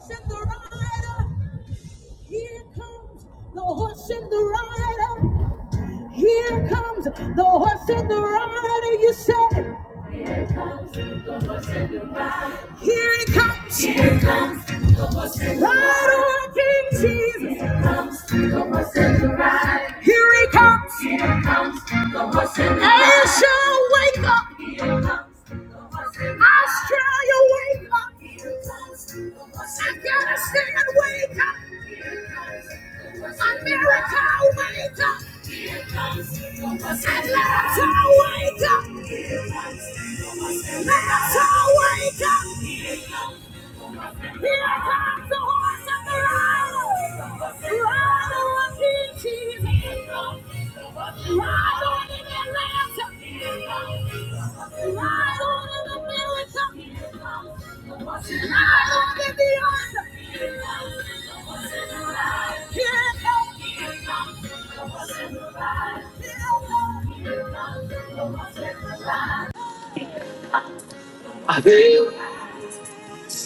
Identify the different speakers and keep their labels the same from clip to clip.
Speaker 1: horse and the rider. Here comes the horse and the rider. Here comes the horse and the rider. You said, Here comes the horse and the rider, here he comes. Here comes the horse and the rider. King Jesus. Here comes the horse and the rider. Here he comes. Here comes the horse in the Asia, wake up. Here comes the horse in the Australia, wake up. Here comes the horse in the Afghanistan, wake up. Here comes the horse in the America, wake up. Here comes the horse in the Atlanta, wake up. Here comes the horse in the Atlanta, wake up. Here comes I feel King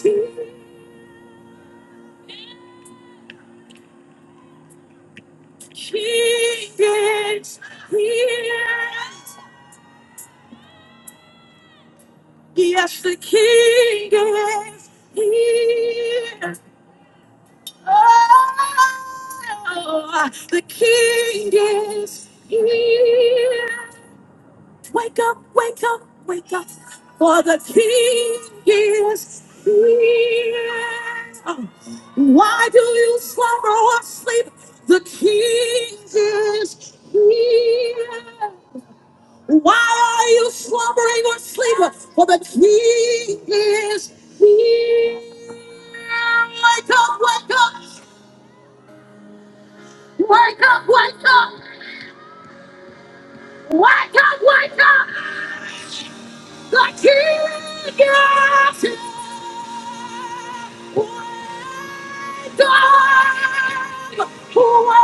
Speaker 1: is here. Yes, the King is here. Oh, the king is here. Wake up, wake up, wake up. For the king is here. Why do you slumber or sleep? The king is here. Why are you slumbering or sleeping? For the king is here. Wake up, wake up. Wake up, wake up, wake up, wake up. The king is here. Wake up, wake up,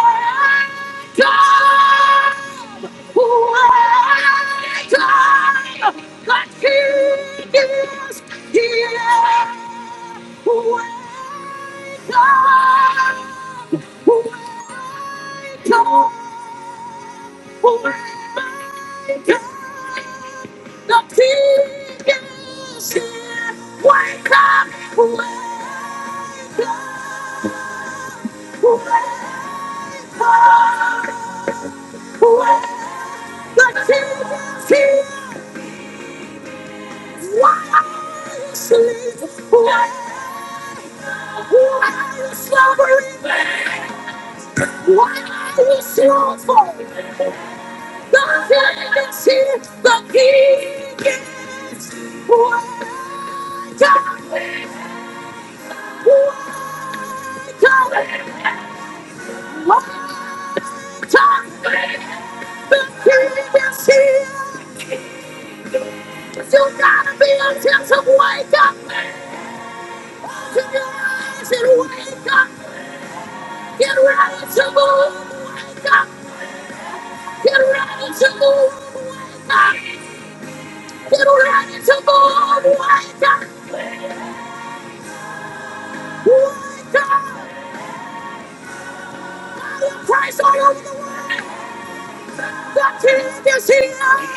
Speaker 1: wake up. The king is here. Wake up, wake up, wake up. The king is here. Wake up, wake up, wake up, wake up. The king is here. Why are you sleeping? Why, why are you slumbering? Why are you slothful? The king is here. The king is here. Wake up, wake up, wake up. The king is here. You gotta be a sense wake up. Open your eyes and wake up. Get ready to move. Wake up. Get ready to move. Wake up. Get ready to move. Wake up. Wake up. Christ all over the world. The king is here. Wake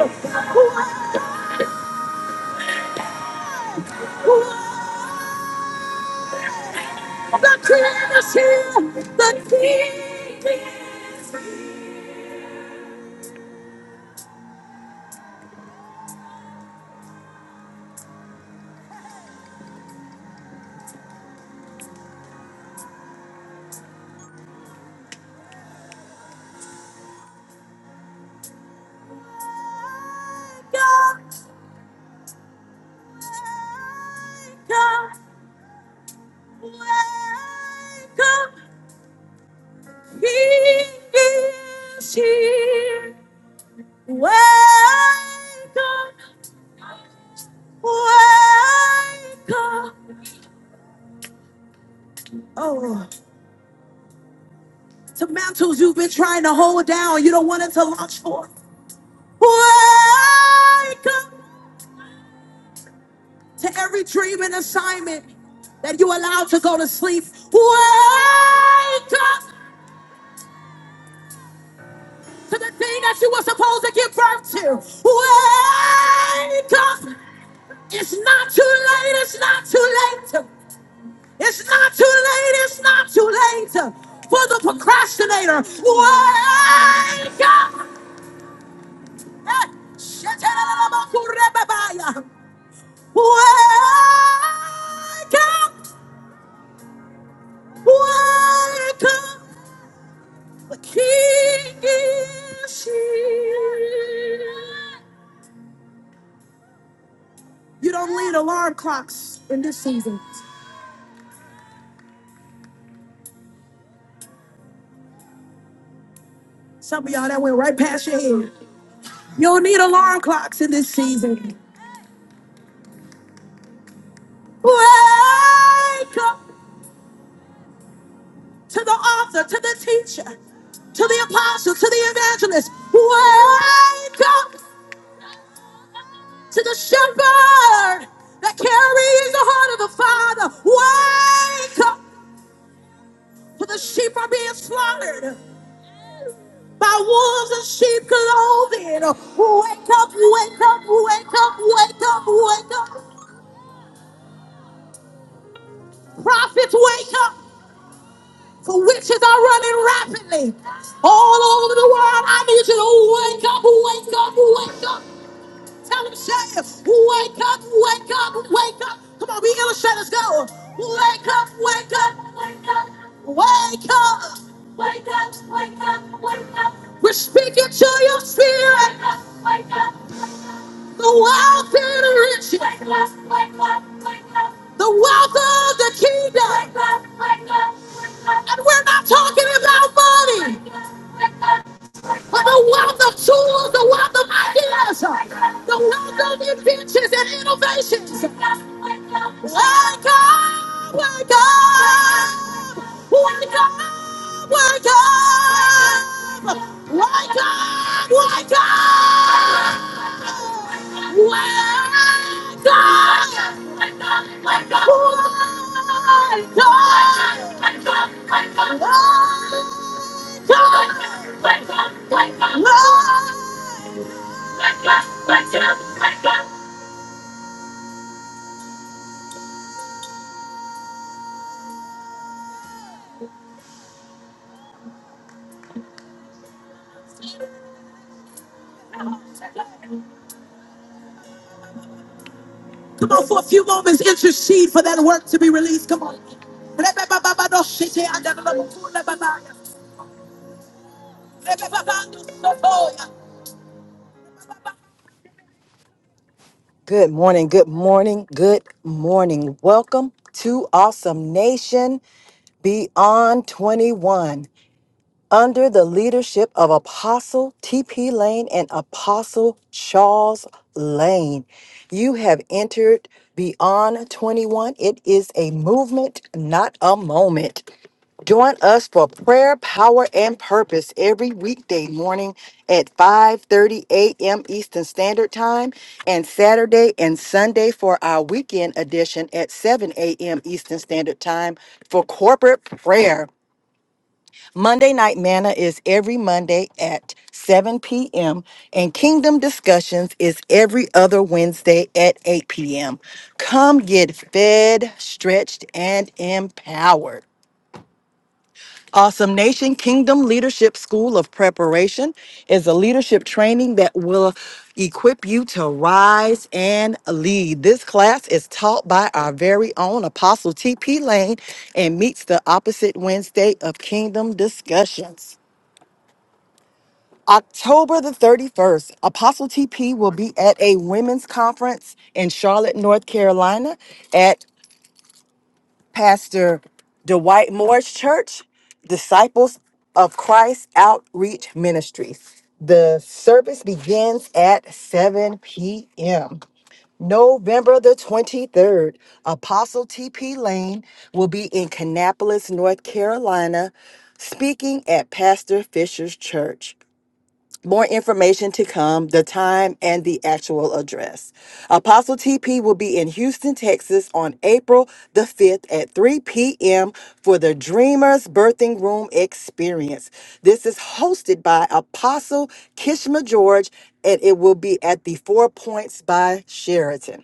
Speaker 1: up. Wake up. Wake up. The King is here. The King is here. Wake up, wake up. wake up. He is here. Wake up, wake up. Oh, to mantles you've been trying to hold down. You don't want it to launch forth. Wake up. to every dream and assignment that you allowed to go to sleep. Wake up to the thing that you were supposed to give birth to. Wake up. It's not too late. It's not too late. It's not too late. It's not too late for the procrastinator. Wake up. Eh, shetanabakurebabaya. Wake up. Wake up. The king is here. You don't need alarm clocks in this season. Some of y'all that went right past your head. You don't need alarm clocks in this season. Wake up to the author, to the teacher, to the apostle, to the evangelist. Wake up to the shepherd that carries the heart of the Father. Wake up, for the sheep are being slaughtered. by wolves and sheep clothing. Wake up, wake up, wake up, wake up, wake up. Prophets, wake up. For witches are running rapidly all over the world. I need you to wake up, wake up, wake up. Tell them, say, it. wake up, wake up, wake up. Come on, we illustrators, go. Wake up, wake up, wake up, wake up. Wake up, wake up, wake up. We're speaking to your spirit. The wealth of the rich. The wealth of the kingdom. And we're not talking about money. But the wealth of tools, the wealth of ideas, the wealth of inventions and innovations. Wake up, wake up, wake up, wake up, wake up, wake up. Wake up! Come on, for a few moments, intercede for that work to be released. Come on. Good morning, good morning, good morning. Welcome to Awesome Nation Beyond 21. under the leadership of Apostle T.P. Lane and Apostle Charles Lane. You have entered Beyond 21. It is a movement, not a moment. Join us for prayer, power, and purpose every weekday morning at 5:30 a.m. Eastern Standard Time and Saturday and Sunday for our weekend edition at 7 a.m. Eastern Standard Time for corporate prayer. Monday Night Manna is every Monday at 7 p.m., and Kingdom Discussions is every other Wednesday at 8 p.m. Come get fed, stretched, and empowered. Awesome Nation Kingdom Leadership School of Preparation is a leadership training that will equip you to rise and lead. This class is taught by our very own Apostle T.P. Lane and meets the opposite Wednesday of Kingdom Discussions. October the 31st, Apostle TP will be at a women's conference in Charlotte, North Carolina at Pastor Dwight Moore's church, Disciples of Christ Outreach Ministries. The service begins at 7 p.m. November the 23rd, Apostle TP Lane will be in Kannapolis, North Carolina, speaking at Pastor Fisher's church. More information to come, the time and the actual address. Apostle TP will be in Houston, Texas on April the 5th at 3 p.m. for the Dreamers Birthing Room Experience. This is hosted by Apostle Kishma George and it will be at the Four Points by Sheraton.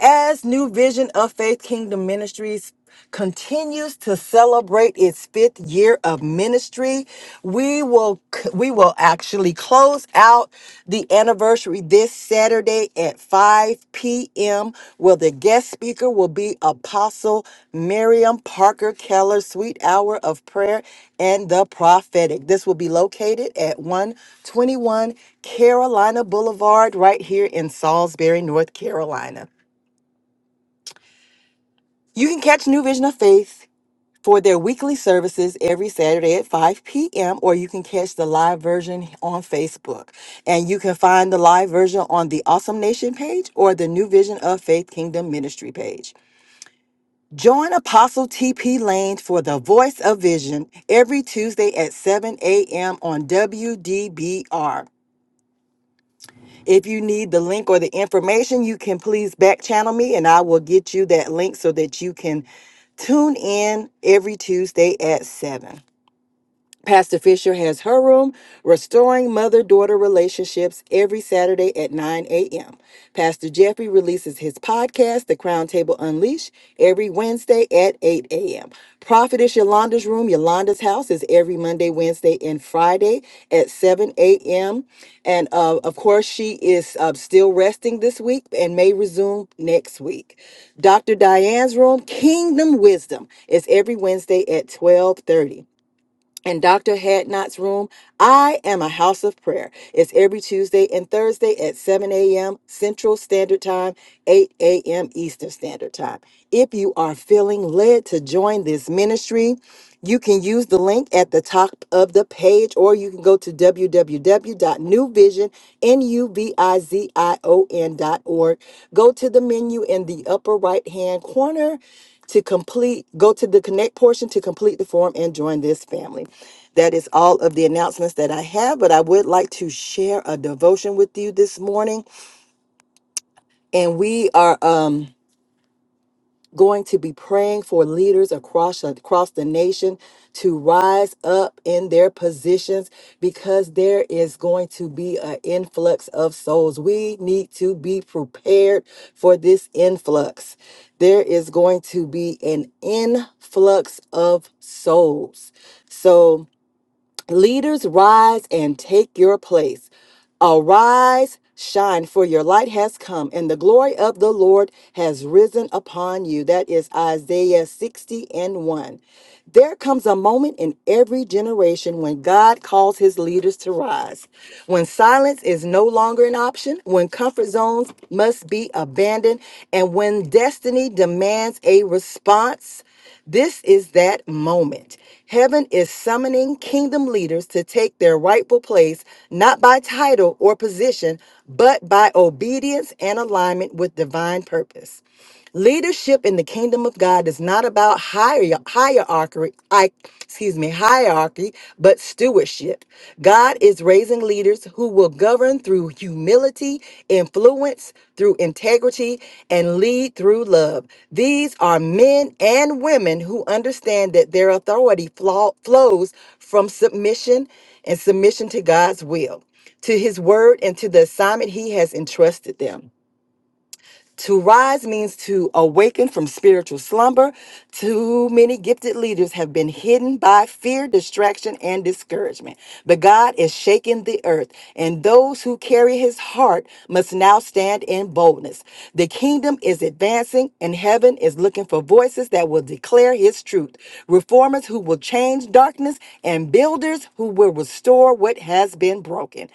Speaker 1: As New Vision of Faith Kingdom Ministries continues to celebrate its fifth year of ministry, we will we will actually close out the anniversary this Saturday at 5 p.m. where the guest speaker will be Apostle Miriam Parker Keller, Sweet Hour of Prayer and the Prophetic. This will be located at 121 Carolina Boulevard right here in Salisbury, North Carolina. You can catch New Vision of Faith for their weekly services every Saturday at 5 p.m., or you can catch the live version on Facebook. And you can find the live version on the Awesome Nation page or the New Vision of Faith Kingdom Ministry page. Join Apostle TP Lane for the Voice of Vision every Tuesday at 7 a.m. on WDBR. If you need the link or the information, you can please back channel me and I will get you that link so that you can tune in every Tuesday at 7. Pastor Fisher has her room, Restoring Mother Daughter Relationships, every Saturday at 9 a.m. Pastor Jeffrey releases his podcast, The Crown Table Unleashed, every Wednesday at 8 a.m. Prophetess Yolanda's Room, Yolanda's House, is every Monday, Wednesday, and Friday at 7 a.m. And uh, of course, she is uh, still resting this week and may resume next week. Dr. Diane's Room, Kingdom Wisdom, is every Wednesday at 12:30 in Dr. Hadnot's room. I am a house of prayer. It's every Tuesday and Thursday at 7 a.m. Central Standard Time, 8 a.m. Eastern Standard Time. If you are feeling led to join this ministry, you can use the link at the top of the page, or you can go to w w w dot new vision n u v i z i o n dot org. Go to the menu in the upper right hand corner to complete, go to the connect portion to complete the form and join this family. That is all of the announcements that I have, but I would like to share a devotion with you this morning. And we are, um, going to be praying for leaders across across the nation to rise up in their positions because there is going to be an influx of souls. We need to be prepared for this influx. There is going to be an influx of souls. So Leaders, rise and take your place. Arise, shine, for your light has come, and the glory of the Lord has risen upon you. That is Isaiah 60 and 1. There comes a moment in every generation when God calls his leaders to rise, when silence is no longer an option, when comfort zones must be abandoned, and when destiny demands a response. This is that moment. Heaven is summoning kingdom leaders to take their rightful place, not by title or position, but by obedience and alignment with divine purpose. Leadership in the kingdom of God is not about hier- hierarchy, I, excuse me, hierarchy, but stewardship. God is raising leaders who will govern through humility, influence through integrity, and lead through love. These are men and women who understand that their authority flaw- flows from submission and submission to God's will, to his word, and to the assignment he has entrusted them. To rise means to awaken from spiritual slumber. Too many gifted leaders have been hidden by fear, distraction, and discouragement. But God is shaking the earth, and those who carry his heart must now stand in boldness. The kingdom is advancing, and heaven is looking for voices that will declare his truth, reformers who will change darkness, and builders who will restore what has been broken.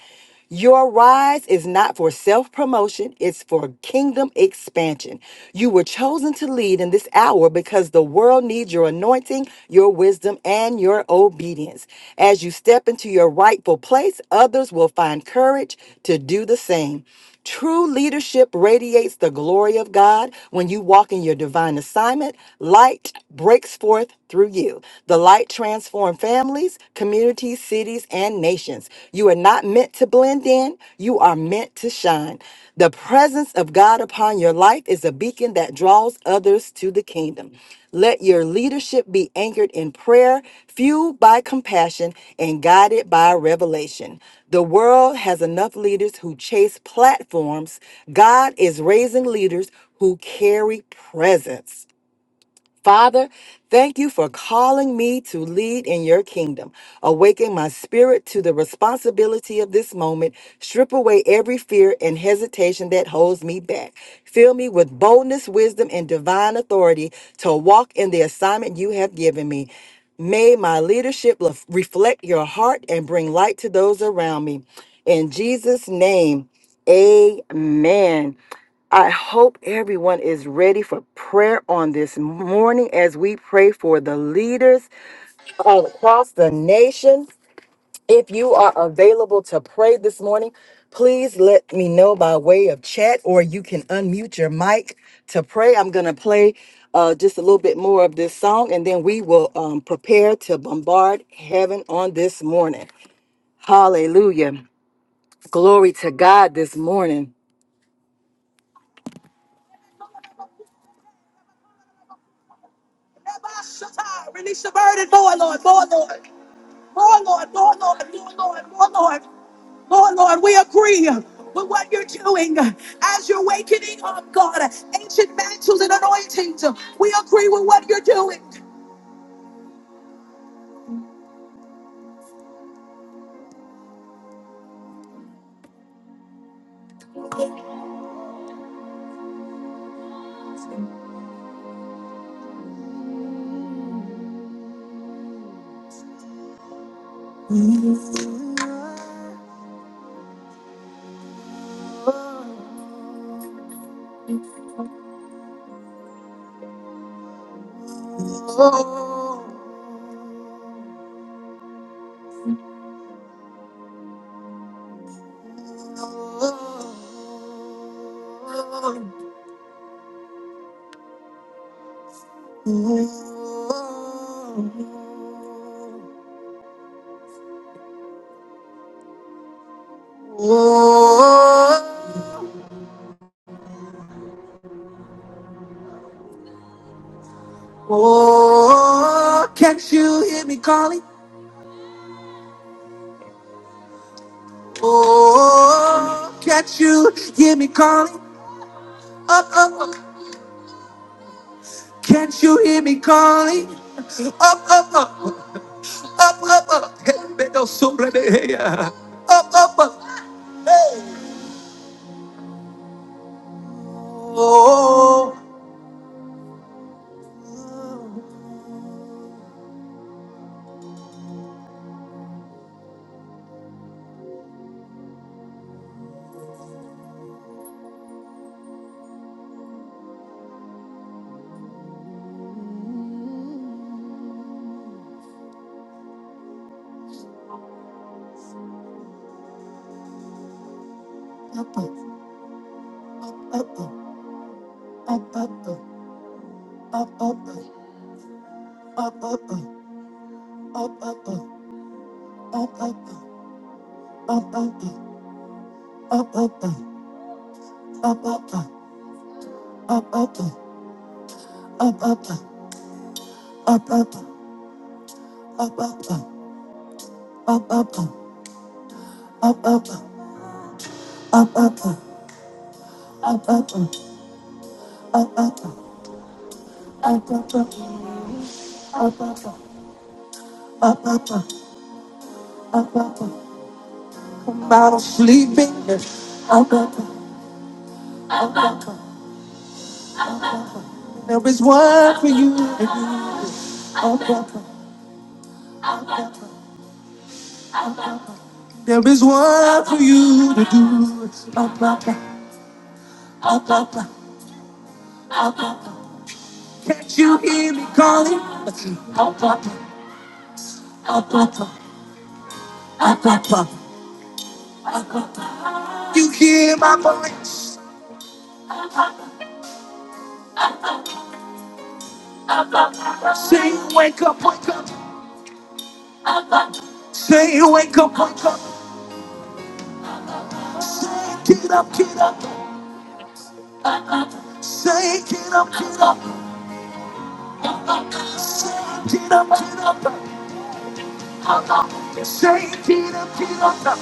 Speaker 1: Your rise is not for self promotion, it's for kingdom expansion. You were chosen to lead in this hour because the world needs your anointing, your wisdom, and your obedience. As you step into your rightful place, others will find courage to do the same. True leadership radiates the glory of God. When you walk in your divine assignment, light breaks forth through you. The light transforms families, communities, cities, and nations. You are not meant to blend in, you are meant to shine. The presence of God upon your life is a beacon that draws others to the kingdom. Let your leadership be anchored in prayer, fueled by compassion, and guided by revelation. The world has enough leaders who chase platforms. God is raising leaders who carry presence. Father, thank you for calling me to lead in your kingdom. Awaken my spirit to the responsibility of this moment. Strip away every fear and hesitation that holds me back. Fill me with boldness, wisdom, and divine authority to walk in the assignment you have given me. May my leadership lef- reflect your heart and bring light to those around me. In Jesus' name, amen. I hope everyone is ready for prayer on this morning as we pray for the leaders all across the nation. If you are available to pray this morning, please let me know by way of chat or you can unmute your mic to pray. I'm going to play uh, just a little bit more of this song and then we will um, prepare to bombard heaven on this morning. Hallelujah. Glory to God this morning. Release the burden, more Lord, more Lord. Lord, Lord, Lord, Lord, Lord, Lord, Lord, Lord. We agree with what you're doing as you're awakening up, God. Ancient mantles and anointing. We agree with what you're doing. Oh, oh, oh! Can't you hear me calling? Oh, can't you hear me calling? Can't you hear me calling? Up, up, help me go supernova. Oh. I'm out of sleeping. There is one for you to do. There is one for you to do. Can't you hear me calling? You hear my voice. Say wake up, wake up. Say wake up, wake up. Say get up, get up. Say get up, get up. Say get up, get up. Say get up, get up.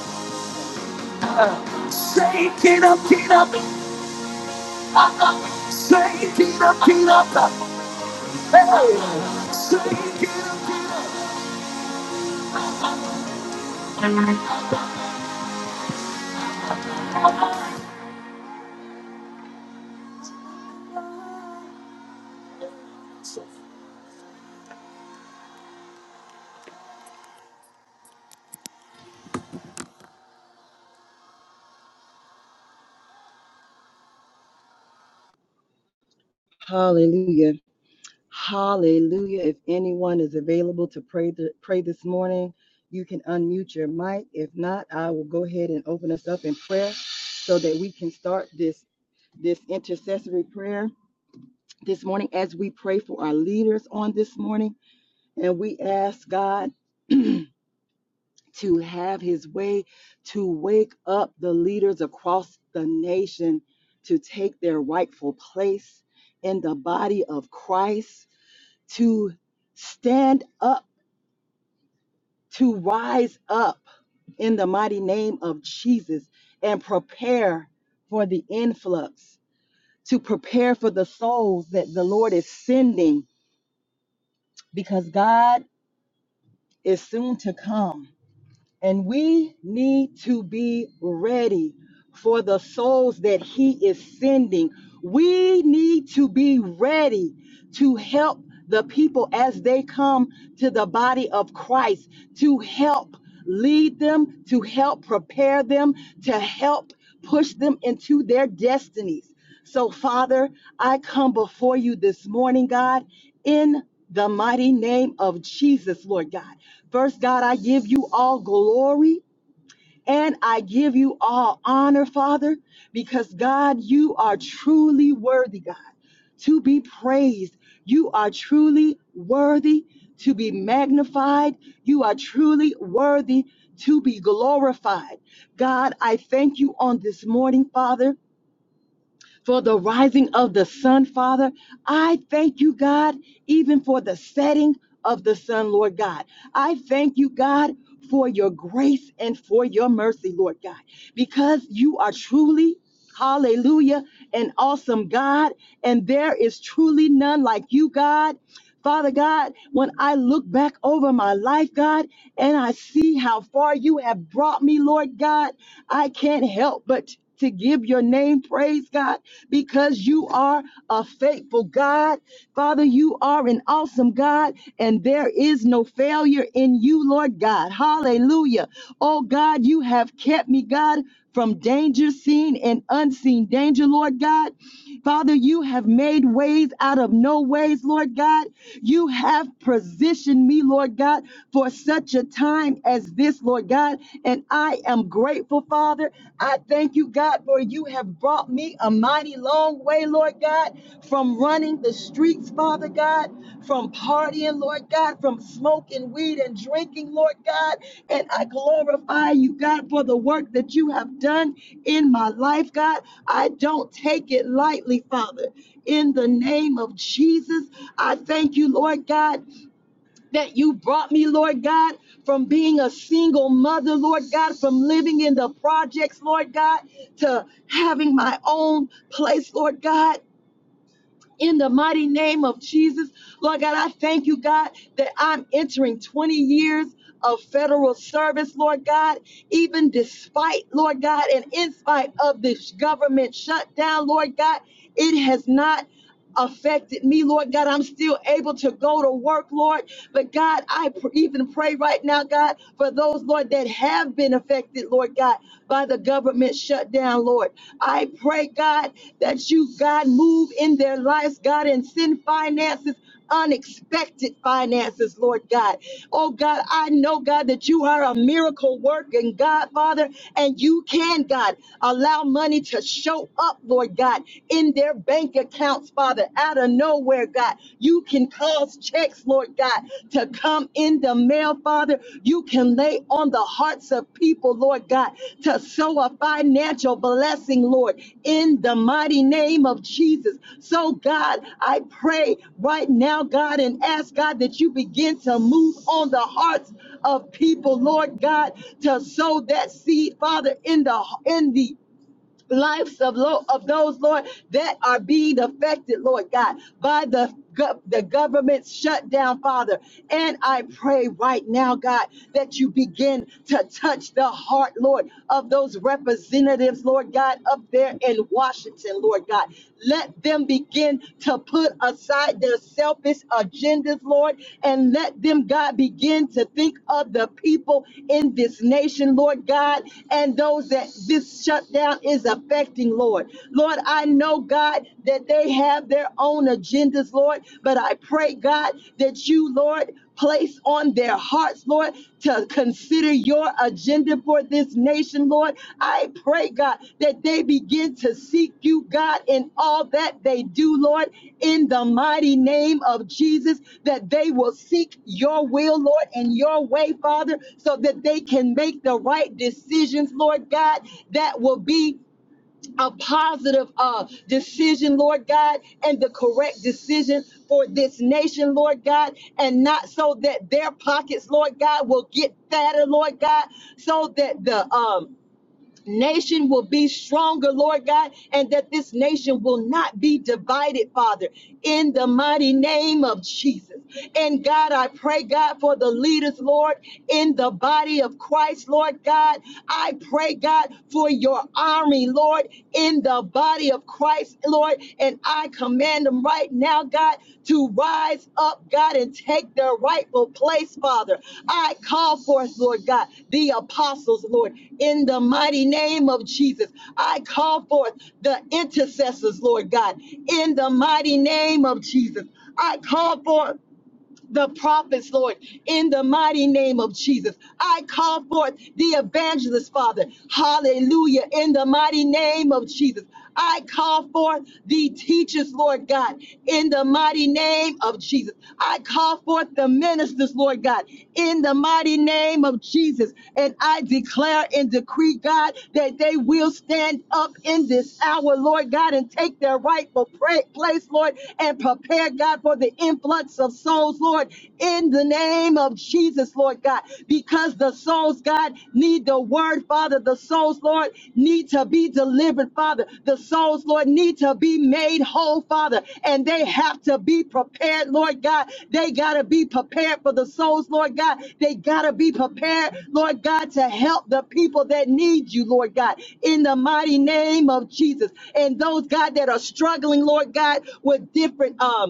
Speaker 1: Say get up, get up. Say get up, get up. Hey, say get up. get up. Hallelujah. Hallelujah. If anyone is available to pray th- pray this morning, you can unmute your mic. If not, I will go ahead and open us up in prayer so that we can start this this intercessory prayer this morning as we pray for our leaders on this morning. And we ask God to have his way to wake up the leaders across the nation to take their rightful place in the body of Christ, to stand up. God We need to be ready for the souls that He is sending. We need to be ready to help the people as they come to the body of Christ, to help lead them, to help prepare them, to help push them into their destinies. So, Father, I come before you this morning, God, in the mighty name of Jesus, Lord God. First, God, I give you all glory. And I give you all honor, Father, because God, you are truly worthy, God, to be praised. You are truly worthy to be magnified. You are truly worthy to be glorified. God, I thank you on this morning, Father for the rising of the sun, Father. I thank you, God, even for the setting of the sun, Lord God. I thank you, God, for your grace and for your mercy, Lord God, because you are truly, hallelujah, an awesome God, and there is truly none like you, God. Father God, when I look back over my life, God, and I see how far you have brought me, Lord God, I can't help but to give your name praise, God, because you are a faithful God. Father, you are an awesome God, and there is no failure in you, Lord God. Hallelujah. Oh God, you have kept me, God, from danger seen and unseen danger, Lord God. Father, you have made ways out of no ways, Lord God. You have positioned me, Lord God, for such a time as this, Lord God. And I am grateful, Father. I thank you, God, for you have brought me a mighty long way, Lord. God, from running the streets, Father God, from partying, Lord God, from smoking weed and drinking, Lord God. And I glorify you, God, for the work that you have done in my life, God. I don't take it lightly, Father. In the name of Jesus, I thank you, Lord God, that you brought me, Lord God, from being a single mother, Lord God, from living in the projects, Lord God, to having my own place, Lord God in the mighty name of Jesus. Lord God, I thank you, God, that I'm entering 20 years of federal service, Lord God, even despite, Lord God, and in spite of this government shutdown, Lord God, it has not affected me, Lord God. I'm still able to go to work, Lord. But God, I pr- even pray right now, God, for those, Lord, that have been affected, Lord God, by the government shutdown, Lord. I pray, God, that you, God, move in their lives, God, and send finances unexpected finances, Lord God. Oh God, I know, God, that you are a miracle working God, Father, and you can, God, allow money to show up, Lord God, in their bank accounts, Father, out of nowhere, God. You can cause checks, Lord God, to come in the mail, Father. You you can lay on the hearts of people, Lord God, to sow a financial blessing, Lord, in the mighty name of Jesus. So, God, I pray right now, God, and ask God that you begin to move on the hearts of people, Lord God, to sow that seed, Father, in the in the lives of, lo- of those, Lord, that are being affected, Lord God, by the, the government shutdown, Father. And I pray right now, God, that you begin to touch the heart, Lord, of those representatives, Lord God, up there in Washington, Lord God. Let them begin to put aside their selfish agendas, Lord, and let them, God, begin to think of the people in this nation, Lord God, and those that this shutdown is is affecting, Lord. Lord, I know, God, that they have their own agendas, Lord, but I pray, God, that you, Lord, place on their hearts, Lord, to consider your agenda for this nation, Lord. I pray, God, that they begin to seek you, God, in all that they do, Lord, in the mighty name of Jesus, that they will seek your will, Lord, and your way, Father, so that they can make the right decisions, Lord God, that will be a positive uh, decision, Lord God, and the correct decision for this nation, Lord God, and not so that their pockets, Lord God, will get fatter, Lord God, so that the um, nation will be stronger, Lord God, and that this nation will not be divided, Father, in the mighty name of Jesus. And God, I pray, God, for the leaders, Lord, in the body of Christ, Lord God. I pray, God, for your army, Lord, in the body of Christ, Lord, Lord. And I command them right now, God, to rise up, God, and take their rightful place, Father. I call forth, Lord God, the apostles, Lord, in the mighty name of Jesus. I call forth the intercessors, Lord God, in the mighty name of Jesus. I call forth the prophets, Lord, in the mighty name of Jesus. I call forth the evangelists, Father. Hallelujah. In the mighty name of Jesus. I call forth the teachers, Lord God, in the mighty name of Jesus. I call forth the ministers, Lord God, in the mighty name of Jesus. And I declare and decree, God, that they will stand up in this hour, Lord God, and take their rightful pra- place, Lord, and prepare, God, for the influence floods of souls, Lord, in the name of Jesus, Lord God, because the souls, God, need the word, Father. The souls, Lord, need to be delivered, Father. The souls, Lord, need to be made whole, Father, and they have to be prepared, Lord God. They got to be prepared for the souls, Lord God. They got to be prepared, Lord God, to help the people that need you, Lord God, in the mighty name of Jesus. And those, God, that are struggling, Lord God, with different, um,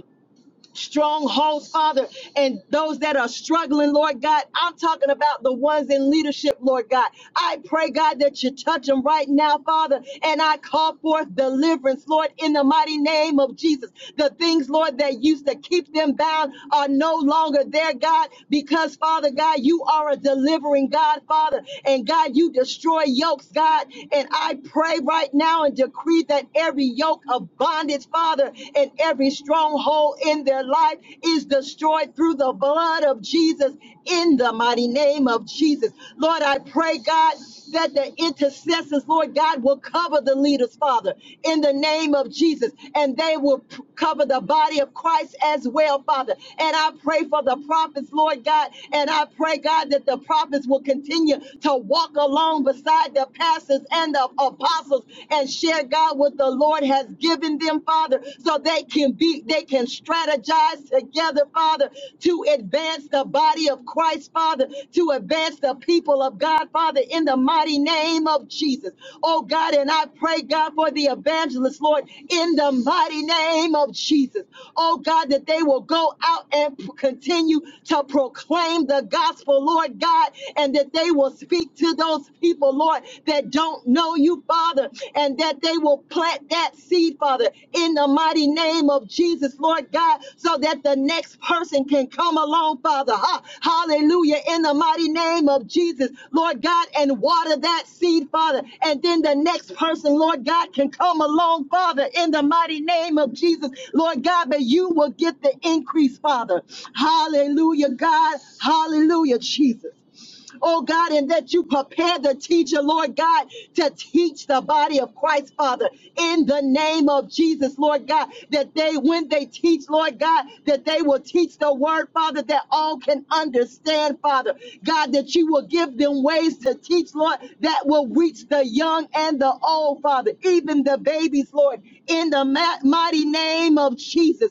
Speaker 1: Strongholds, Father, and those that are struggling, Lord God. I'm talking about the ones in leadership, Lord God. I pray, God, that you touch them right now, Father, and I call forth deliverance, Lord, in the mighty name of Jesus. The things, Lord, that used to keep them bound are no longer there, God, because, Father God, you are a delivering God, Father, and God, you destroy yokes, God. And I pray right now and decree that every yoke of bondage, Father, and every strong stronghold in their life is destroyed through the blood of Jesus in the mighty name of Jesus. Lord, I pray, God, that the intercessors, Lord God, will cover the leaders, Father, in the name of Jesus, and they will p- cover the body of Christ as well, Father. And I pray for the prophets, Lord God, and I pray, God, that the prophets will continue to walk along beside the pastors and the apostles and share, God, with the Lord has given them, Father, so they can be, they can strategize together, Father, to advance the body of Christ, Father, to advance the people of God, Father, in the mighty name of Jesus. Oh God, and I pray, God, for the evangelists, Lord, in the mighty name of Jesus. Oh God, that they will go out and p- continue to proclaim the gospel, Lord God, and that they will speak to those people, Lord, that don't know you, Father, and that they will plant that seed, Father, in the mighty name of Jesus, Lord God, so that the next person can come along, Father. Ha- Hallelujah. In the mighty name of Jesus, Lord God, and water that seed, Father. And then the next person, Lord God, can come along, Father, in the mighty name of Jesus, Lord God, but you will get the increase, Father. Hallelujah, God. Hallelujah, Jesus oh God, and that you prepare the teacher, Lord God, to teach the body of Christ of the name of Jesus, Lord God, that they, when they teach, Lord God, that they will teach the word, Father, that all can understand, Father. God, that you will give this to teach, Lord, that will reach the young and the old, Father, even the babies, Lord. That mighty name of Jesus.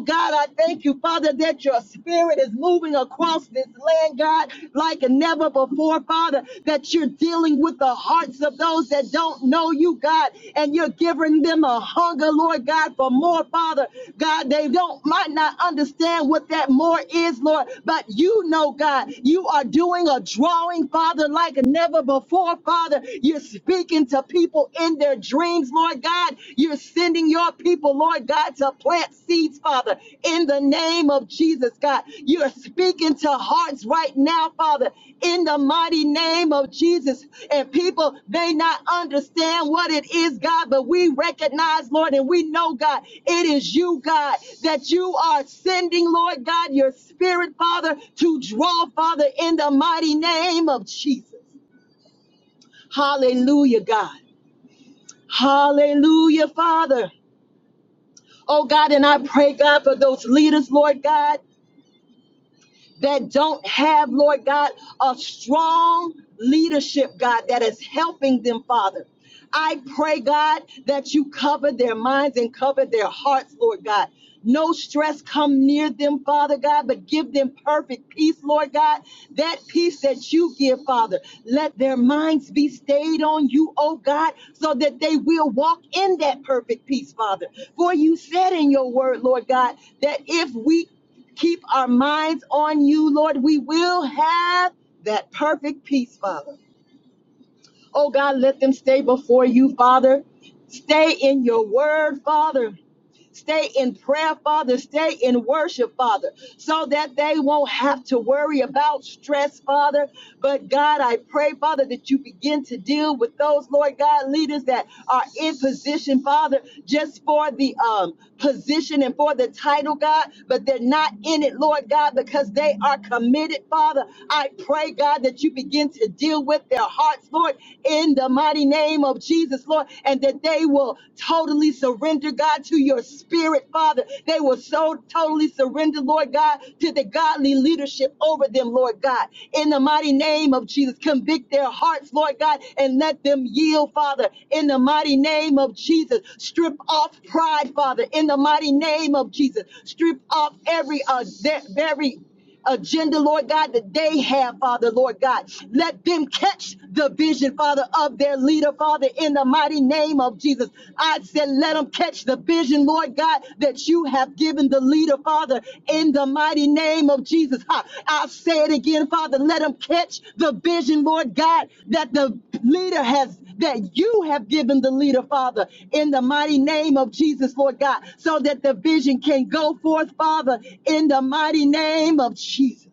Speaker 1: Oh God, I thank you, Father, that your spirit is moving across this land, God, like never before, Father, that you're dealing with the hearts of those that don't know you, God, and you're giving them a hunger, Lord God, for more, Father. God, they don't might not understand what that more is, Lord, but you know, God, you are doing a drawing, Father, like never before, Father. You're speaking to people in their dreams, Lord God. You're sending your people, Lord God, to plant seeds, Father, in the name of Jesus, God. You are speaking to hearts right now, Father, in the mighty name of Jesus. And people may not understand what it is, God, but we recognize, Lord, and we know, God, it is you, God, that you are sending, Lord God, your spirit, Father, to draw, Father, in the mighty name of Jesus. Hallelujah, God. Hallelujah, Father. Oh God, and I pray, God, for those leaders, Lord God. that don't have, Lord God, a strong leadership, God, that is helping them, Father. I pray, God, that you cover their minds and cover their hearts, Lord God. No stress come near them, Father God, but give them perfect peace, Lord God. That peace that you give, Father, let their minds be stayed on you, oh God, so that they will walk in that perfect peace, Father. For you said in your word, Lord God, that if we Keep our minds on you, Lord. We will have that perfect peace, Father. Oh God, let them stay before you, Father. Stay in your word, Father stay in prayer, Father, stay in worship, Father, so that they won't have to worry about stress, Father. But God, I pray, Father, that you begin to deal with those, Lord God, leaders that are in position, Father, just for the um, position and for the title, God, but they're not in it, Lord God, because they are committed, Father. I pray, God, that you begin to deal with their hearts, Lord, in the mighty name of Jesus, Lord, and that they will totally surrender, God, to your spirit spirit, Father. They were so totally surrendered, Lord God, to the godly leadership over them, Lord God. In the mighty name of Jesus, convict their hearts, Lord God, and let them yield, Father. In the mighty name of Jesus, strip off pride, Father. In the mighty name of Jesus, strip off every uh, de- very agenda, Lord God, that they have, Father, Lord God. Let them catch the vision, Father, of their leader, Father, in the mighty name of Jesus. I said, let them catch the vision, Lord God, that you have given the leader, Father, in the mighty name of Jesus others. Ha, I'll say it again, Father. Let them catch the vision, Lord God, that the leader has, that you have given the leader, Father, in the mighty name of Jesus, Lord God, so that the vision can go forth, Father, in the mighty name of Jesus.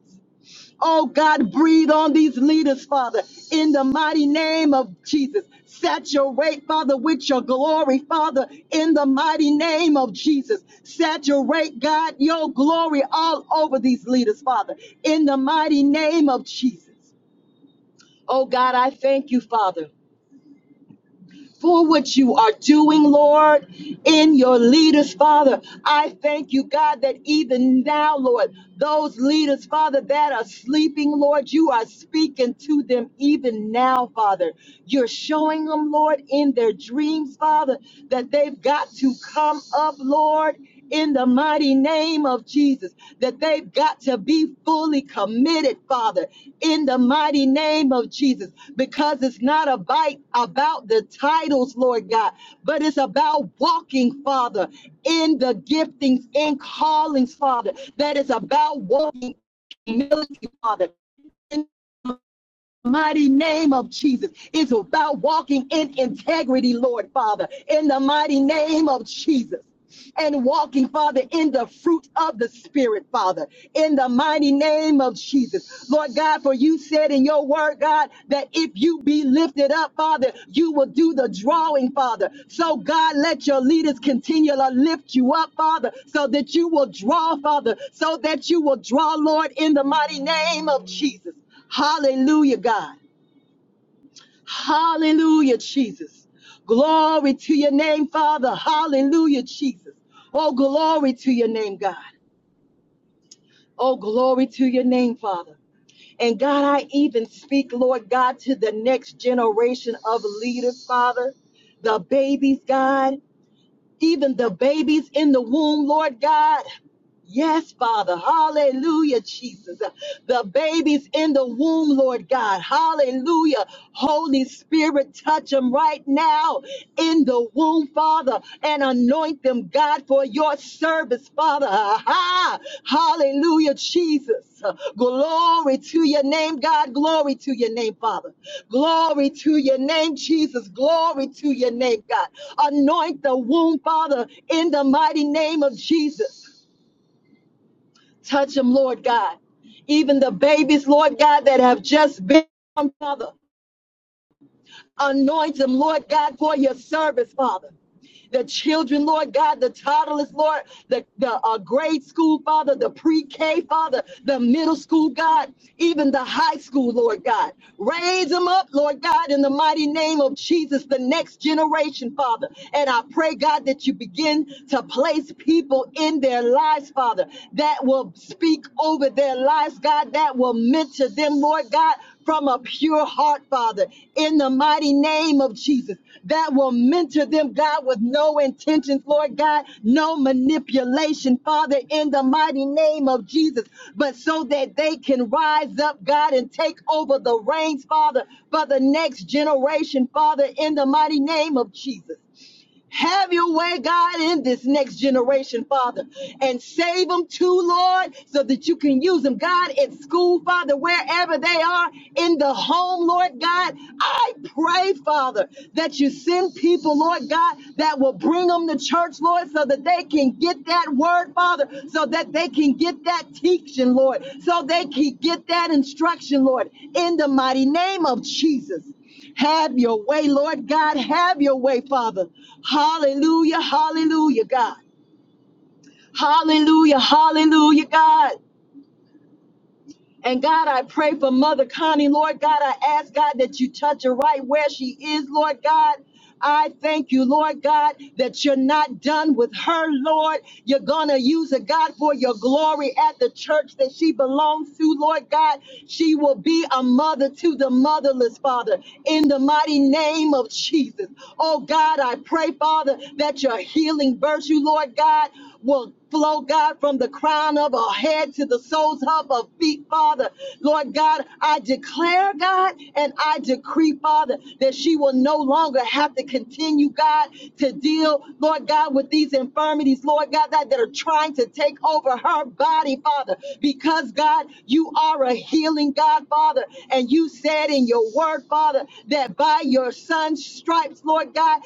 Speaker 1: Oh God, breathe on these leaders, Father, in the mighty name of Jesus. Saturate, Father, with your glory, Father, in the mighty name of Jesus. Saturate, God, your glory all over these leaders, Father, in the mighty name of Jesus. Oh God, I thank you, Father for what you are doing, Lord, in your leaders, Father. I thank you, God, that even now, Lord, those leaders, Father, that are sleeping, Lord, you are speaking to them even now, Father. You're showing them, Lord, in their dreams, Father, that they've got to come up, Lord in the mighty name of Jesus that they've got to be fully committed, Father, in the mighty name of Jesus, because it's not about, about the titles, Lord God, but it's about walking, Father, in the giftings and callings, Father, that is about walking in humility, Father. in the Mighty name of Jesus It's about walking in integrity, Lord Father, in the mighty name of Jesus and walking, Father, in the fruit of the Spirit, Father, in the mighty name of Jesus. Lord God, for you said in your word, God, that if you be lifted up, Father, you will do the drawing, Father. So, God, let your leaders continue to lift you up, Father, so that you will draw, Father, so that you will draw, Lord, in the mighty name of Jesus. Hallelujah, God. Hallelujah, Jesus. Glory to your name, Father. Hallelujah, Jesus. Oh, glory to your name, God. Oh, glory to your name, Father. And God, I even speak, Lord God, to the next generation of leaders, Father. The babies, God. Even the babies in the womb, Lord God. Yes, Father. Hallelujah, Jesus. The babies in the womb, Lord God. Hallelujah. Holy Spirit, touch them right now in the womb, Father, and anoint them, God, for your service, Father. Aha. Hallelujah, Jesus. Glory to your name, God. Glory to your name, Father. Glory to your name, Jesus. Glory to your name, God. Anoint the womb, Father, in the mighty name of Jesus. Touch them, Lord God. Even the babies, Lord God, that have just been, Father, anoint them, Lord God, for your service, Father the children, Lord God, the toddlers, Lord, the, the uh, grade school, Father, the pre K, Father, the middle school, God, even the high school, Lord God. Raise them up, Lord God, in the mighty name of Jesus, the next generation, Father. And I pray, God, that you begin to place people in their lives, Father, that will speak over their lives, God, that will mentor them, Lord God, from a pure heart, Father, in the mighty name of Jesus, that will mentor them, God, with no intentions, Lord God, no manipulation, Father, in the mighty name of Jesus, but so that they can rise up, God, and take over the reins, Father, for the next generation, Father, in the mighty name of Jesus. Have your way, God, in this next generation, Father, and save them too, Lord, so that you can use them, God, in school, Father, wherever they are, in the home, Lord God. I pray, Father, that you send people, Lord God, that will bring them to church, Lord, so that they can get that word, Father, so that they can get that teaching, Lord, so they can get that instruction, Lord, in the mighty name of Jesus. Have your way, Lord God. Have your way, Father. Hallelujah, hallelujah, God. Hallelujah, hallelujah, God. I pray for Mother. Lord God. I ask, God, that you touch her right where she is, Lord God. I thank you, Lord God, that you're not done with her, Lord. You're going to use her, God, for your glory at the church that she belongs to, Lord God. She will be a mother to the motherless, Father, in the mighty name of Jesus. Oh, God, I pray, Father, that your healing virtue, Lord God, will flow, God, from the crown of our head to the soles of our feet, Father. Lord God, I declare, God, and I decree, Father, that she will no longer have to continue, God, to deal, Lord God, with these infirmities, Lord God, that, that are trying to take over her body, Father, because, God, you are a healing God, Father, and you said in your word, Father, God,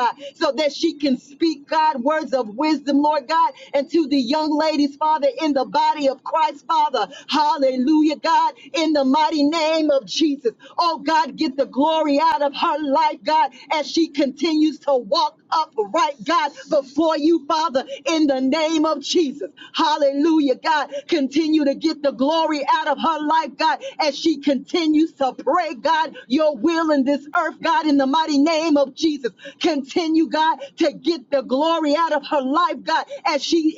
Speaker 1: that she can speak God, words of wisdom, Lord God, and to ladies, Father, in the body of Christ, Father. Hallelujah, God, in the mighty name of Jesus. Oh, God, get the glory out of her life, God, as she continues to walk upright, God, before you, Father, in the name of Jesus. Hallelujah, God. Continue to get the glory out of her life, God, as she continues to pray, God, your will in this earth, God, in the mighty name of Jesus. Continue, God, to get the glory out of her life, God, as she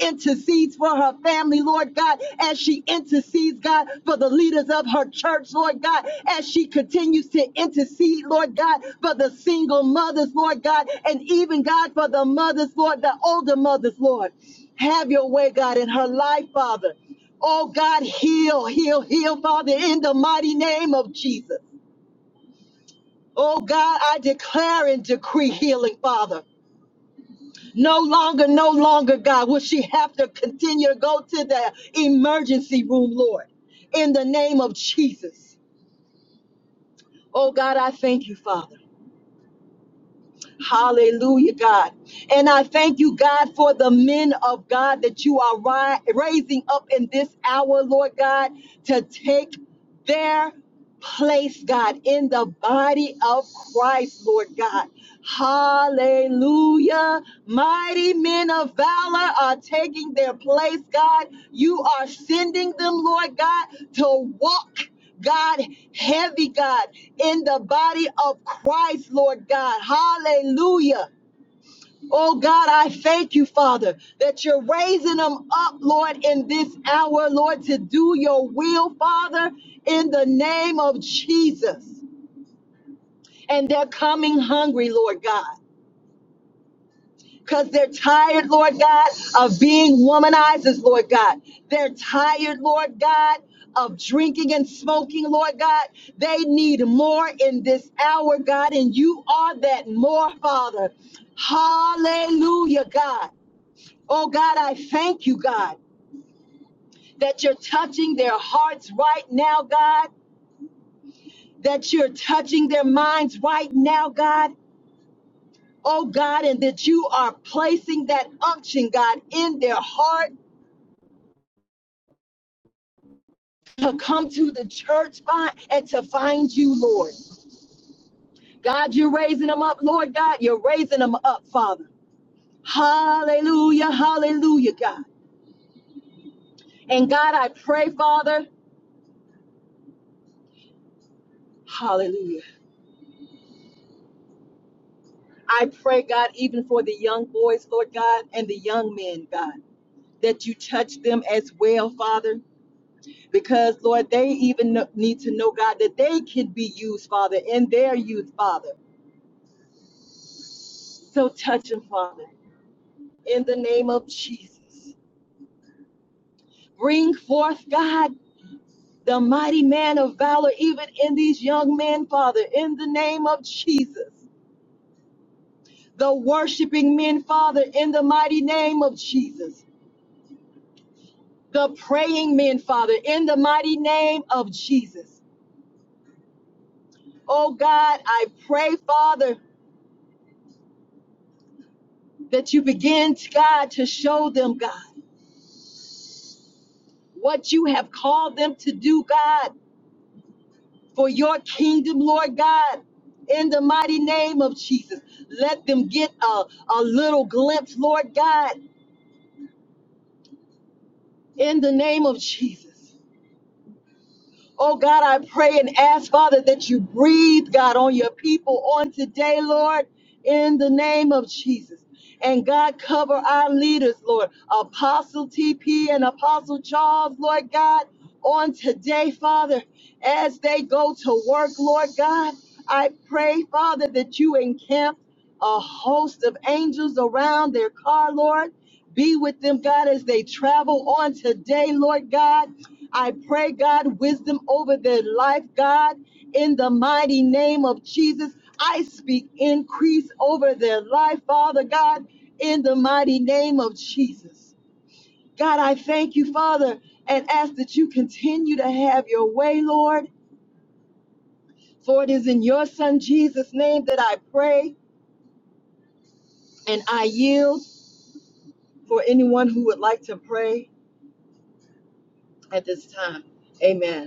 Speaker 1: God, as she intercedes, God, for the leaders of her church, Lord God, as she continues to intercede, Lord God, for the single mothers, Lord God, and even, God, for the mothers, Lord, the older mothers, Lord. Have your way, God, in her life, Father. Oh, God, heal, heal, heal, Father, in the mighty name of Jesus. Oh, God, I declare and decree healing, Father. No longer, no longer, God, will she have to continue to go to the emergency room, Lord, in the name of Jesus. Oh, God, I thank you, Father. Hallelujah, God. And I thank you, God, for the men of God that you are ri- raising up in this hour, Lord God, to take their place, God, in the body of Christ, Lord God. Hallelujah. Mighty men of valor are taking their place, God. You are sending them, Lord God, to walk. God, heavy God, in the body of Christ, Lord God. Hallelujah. Oh God, I thank you, Father, that you're raising them up, Lord, in this hour, Lord, to do your will, Father, in the name of Jesus they're coming hungry, Lord God, because they're tired, Lord God, of being womanizers, Lord God. They're tired, Lord God, of drinking and smoking, Lord God. They need more in this hour, God, and you are that more, Father. Hallelujah, God. Oh, God, I thank you, God, that you're touching their hearts right now, God that you're touching their minds right now, God, oh God, and that you are placing that unction, God, in their heart to come to the church find, and to find you, Lord. God, you're raising them up, Lord God. You're raising them up, Father. Hallelujah, hallelujah, God. And God, I pray, Father, I pray, God, even for the young boys, Lord God, and the young that bring forth, God, the mighty man of valor, even in these young men, Father, in the name of Jesus, worshiping me, Father, in the mighty name of Jesus, mighty name that you begin, God, to show them, God, what you have called them to do, God, for your kingdom, Lord God. In the mighty name of Jesus, let them get a, a little glimpse, Lord God, in the name of Jesus. Oh God, I pray and ask, Father, that you breathe, God, on your people on today, Lord, in the name of Jesus. And God, cover our leaders, Lord, Apostle TP and Apostle Charles, Lord God, on today, Father, as they go to work, Lord God. I pray, Father, that you encamp a host of angels around their be with them, God, as they travel on today, Lord God. I pray, God, wisdom over their life, God, in the mighty name of Jesus. I speak increase over their life, Father God, in the mighty name of Jesus. God, I thank you, Father, and ask that you continue to have your way, Lord. For it is in your Son Jesus' name that I pray and I yield for anyone who would like to pray at this time. Amen.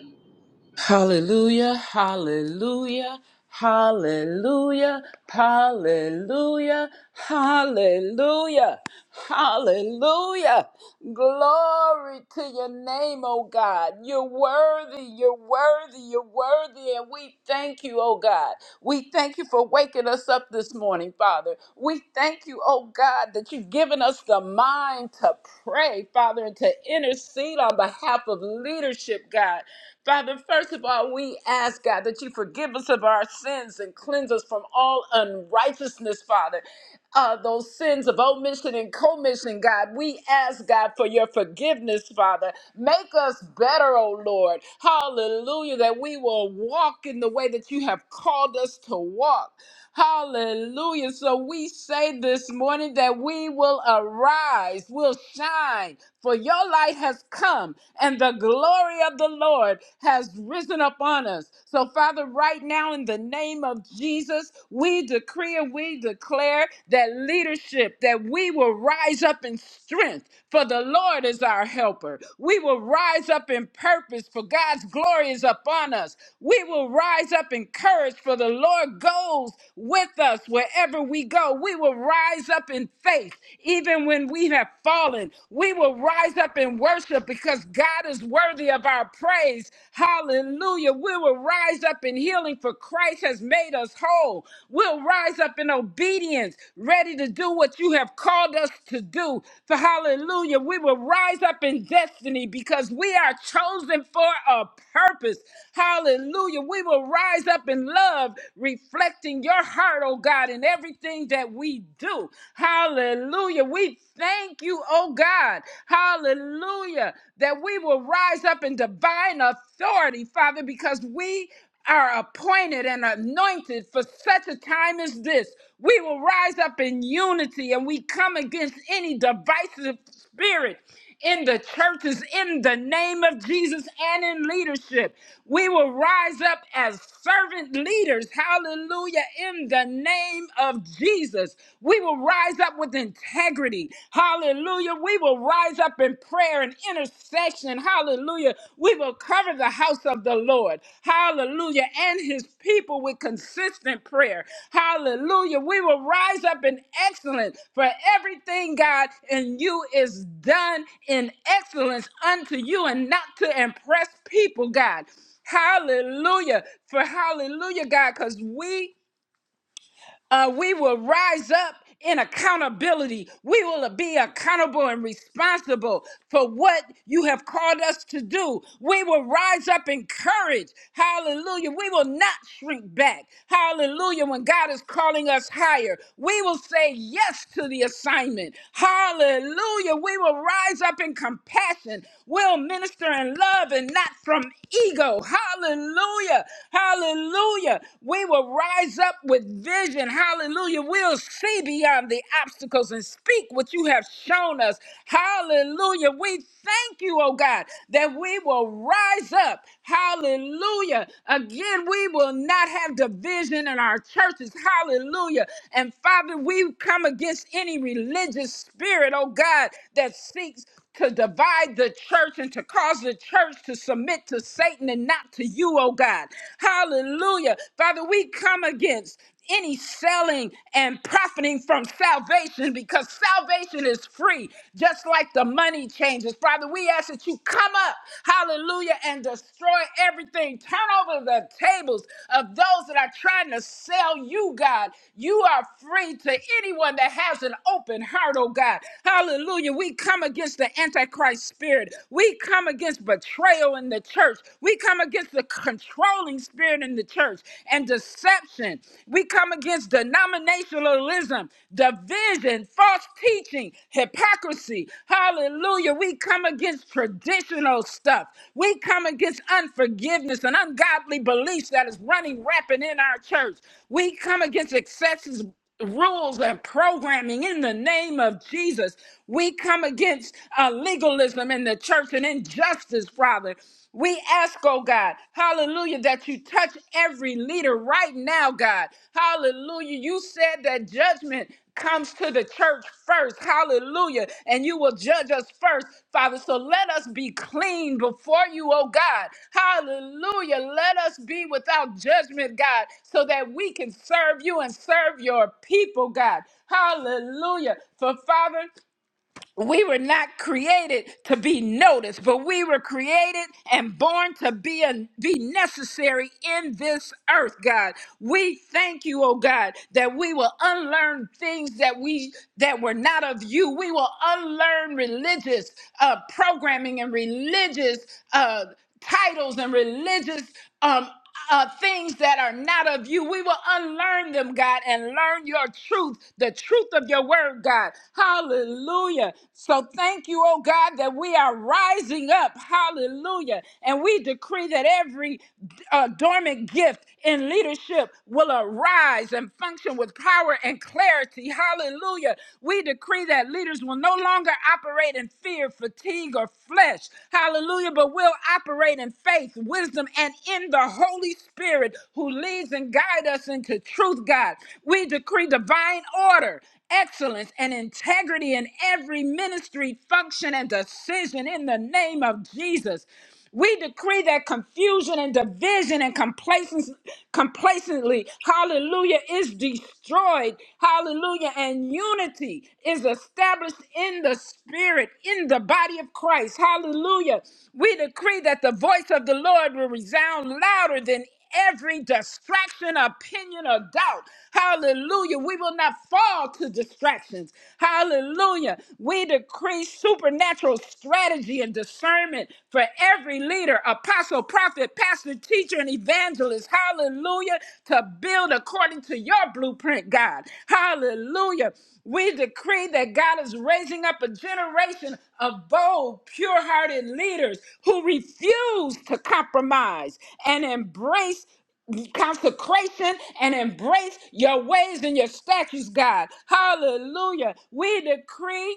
Speaker 2: Hallelujah, hallelujah, hallelujah, hallelujah, hallelujah, hallelujah. Glory to your name, oh God. You're worthy, you're worthy, you're worthy, and we thank you, oh God. We thank you for waking us up this morning, Father. We thank you, oh God, that you've given us the mind to pray, Father, and to intercede on behalf of leadership, God. Father, first of all, we ask, God, that you forgive us of our sins and cleanse us from all unrighteousness, Father. Uh, those sins of omission and commission, God, we ask, God, for your forgiveness, Father. Make us better, O Lord. Hallelujah, that we will walk in the way that you have called us to walk. Hallelujah. So we say this morning that we will arise, will shine, for your light has come and the glory of the Lord has risen upon us. So, Father, right now in the name of Jesus, we decree and we declare that leadership, that we will rise up in strength, for the Lord is our helper. We will rise up in purpose, for God's glory is upon us. We will rise up in courage, for the Lord goes with us wherever we go. We will rise up in faith, even when we have fallen. We will rise up in worship because God is worthy of our praise. Hallelujah. We will rise up in healing, for Christ has made us whole. We'll rise up in obedience, ready to do what you have called us to do. For hallelujah, we will rise up in destiny because we are chosen for a purpose. Hallelujah. We will rise up in love, reflecting in your heart, oh God, in everything that we do. Hallelujah. We thank you, oh God. Hallelujah. That we will rise up in divine authority, Father, because we are appointed and anointed for such a time as this. We will rise up in unity and we come against any divisive spirit in the churches in the name of Jesus and in leadership. We will rise up as servant leaders, hallelujah, in the name of Jesus. We will rise up with integrity, hallelujah. We will rise up in prayer and intercession, hallelujah. We will cover the house of the Lord. Hallelujah. And his people with consistent prayer. Hallelujah. We will rise up in excellence for everything, God, and you is done in excellence unto you and not to impress people, God. Hallelujah. For hallelujah, God, because we uh, we will rise up in accountability. We will be accountable and responsible for what you have called us to do. We will rise up in courage. Hallelujah. We will not shrink back. Hallelujah. When God is calling us higher, we will say yes to the assignment. Hallelujah. We will rise up in compassion. We'll minister in love and not from ego. Hallelujah. Hallelujah. We will rise up with vision. Hallelujah. We'll see beyond the obstacles and speak what you have shown us. Hallelujah. We thank you, oh God, that we will rise up. Hallelujah. Again, we will not have division in our churches. Hallelujah. And Father, we come against any religious spirit, oh God, that seeks to divide the church and to cause the church to submit to Satan and not to you, oh God. Hallelujah. Father, we come against any selling and profiting from salvation because salvation is free, just like the money changes. Father, we ask that you come up, hallelujah, and destroy everything. Turn over the tables of those that are trying to sell you, God. You are free to anyone that has an open heart, oh God. Hallelujah. We come come against the Antichrist spirit. We come against betrayal in the church. We come against the controlling spirit in the church and deception. We come against denominationalism, division, false teaching, hypocrisy. Hallelujah. We come against traditional stuff. We come against unforgiveness and ungodly beliefs that is running rampant in our church. We come against excesses rules and programming in the name of Jesus. We come against uh, legalism in the church and injustice, Father. We ask, oh God, hallelujah, that you touch every leader right now, God. Hallelujah. You said that judgment comes to the church first. Hallelujah. And you will judge us first, Father. So let us be clean before you, oh God. Hallelujah. Let us be without judgment, God, so that we can serve you and serve your people, God. Hallelujah. For Father, we were not created to be noticed, but we were created and born to be a, be necessary in this earth, God. We thank you, oh God, that we will unlearn things that we that were not of you. We will unlearn religious uh, programming and religious uh, titles and religious um, uh, things that are not of you. We will unlearn them, God, and learn your truth, the truth of your word, God. Hallelujah. So thank you, oh God, that we are rising up. Hallelujah. And we decree that every uh, dormant gift in leadership will arise and function with power and clarity. Hallelujah. We decree that leaders will no longer operate in fear fear, fatigue, or flesh. Hallelujah. But we'll operate in faith, wisdom, and in the Holy Spirit who leads and guides us into truth, God. We decree divine order excellence and integrity in every ministry function and decision in the name of Jesus. We decree that confusion and division and complacency, complacently, hallelujah, is destroyed. Hallelujah. And unity is established in the spirit, in the body of Christ. Hallelujah. We decree that the voice of the Lord will resound louder than every distraction, opinion, or doubt. Hallelujah. We will not fall to distractions. Hallelujah. We decree supernatural strategy and discernment for every leader, apostle, prophet, pastor, teacher, and evangelist. Hallelujah. To build according to your blueprint, God great God. Hallelujah. We decree that God is raising up a generation of bold, pure hearted leaders who refuse to compromise and embrace consecration and embrace your ways and your statutes, God. Hallelujah. We decree.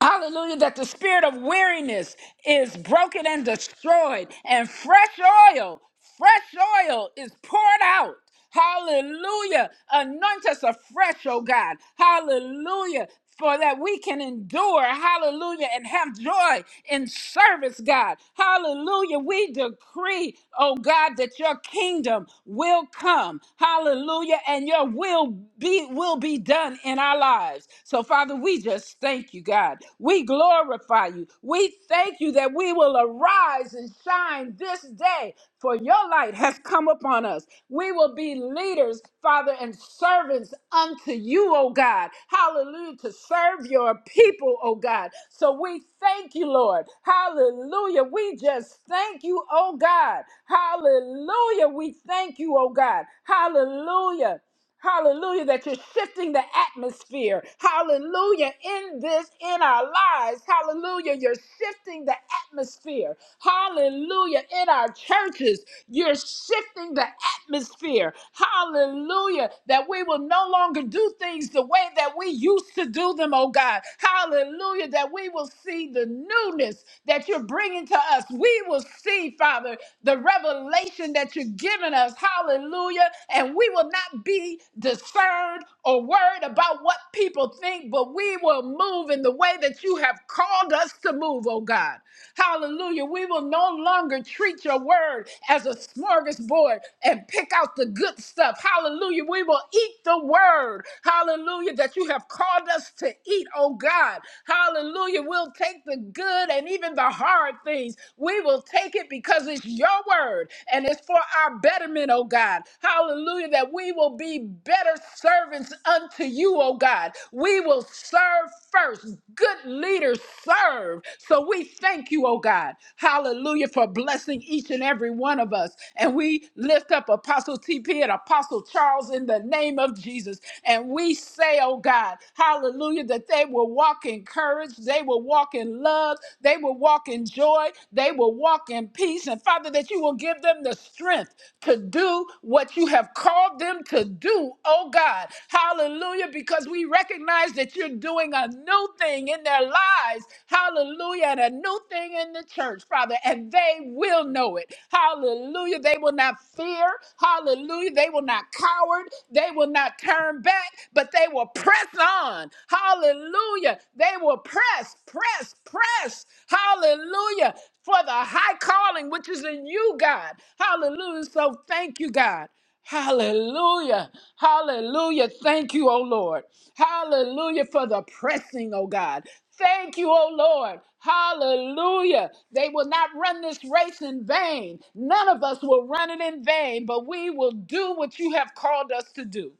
Speaker 2: Hallelujah, that the spirit of weariness is broken and destroyed, and fresh oil, fresh oil is poured out. Hallelujah. Anoint us afresh, oh God. Hallelujah. For that we can endure, hallelujah, and have joy in service, God. Hallelujah. We decree, oh God, that your kingdom will come. Hallelujah. And your will be will be done in our lives. So Father, we just thank you, God. We glorify you. We thank you that we will arise and shine this day for your light has come upon us. We will be leaders, Father, and servants unto you, O God. Hallelujah. To serve your people, O oh God. So we thank you, Lord. Hallelujah. We just thank you, oh God. Hallelujah. We thank you, oh God. Hallelujah. Hallelujah, that you're shifting the atmosphere. Hallelujah, in this, in our lives. Hallelujah, you're shifting the atmosphere. Hallelujah, in our churches. You're shifting the atmosphere. Hallelujah. That we will no longer do things the way that we used to do them, oh God. Hallelujah. That we will see the newness that you're bringing to us. We will see, Father, the revelation that you're giving us. Hallelujah. And we will not be discerned or worried about what people think, but we will move in the way that you have called us to move, oh God. God. Hallelujah. We will no longer treat your word as a smorgasbord and pick out the good stuff. Hallelujah. We will eat the word. Hallelujah. That you have called us to eat, oh God. Hallelujah. We'll take the good and even the hard things. We will take it because it's your word and it's for our betterment, oh God. Hallelujah. That we will be better servants unto you to you, oh God. We will serve first. Good leaders serve. So we thank you, oh God. Hallelujah for blessing each and every one of us. And we lift up Apostle TP and Apostle Charles in the name of Jesus. And we say, oh God, hallelujah, that they will walk in courage, they will walk in love, they will walk in joy, they will walk in peace. And Father, that you will give them the them the strength to do what you have called them to do, oh God. Hallelujah, because we recognize that you're doing a new thing in their lives. Hallelujah, and a new thing in the church, Father, and they will know it. Hallelujah, they will not fear. Hallelujah, they will not cower. They will not turn back, but they will press on. Hallelujah, they will press, press, press, hallelujah, for the high calling which is in you, God. Hallelujah. So thank you, God. Hallelujah. Hallelujah. Thank you, O Lord. Hallelujah for the pressing, O God. Thank you, O Lord. Hallelujah. They will not run this race in vain. None of us will run it in vain, but we will do what you have called us to do.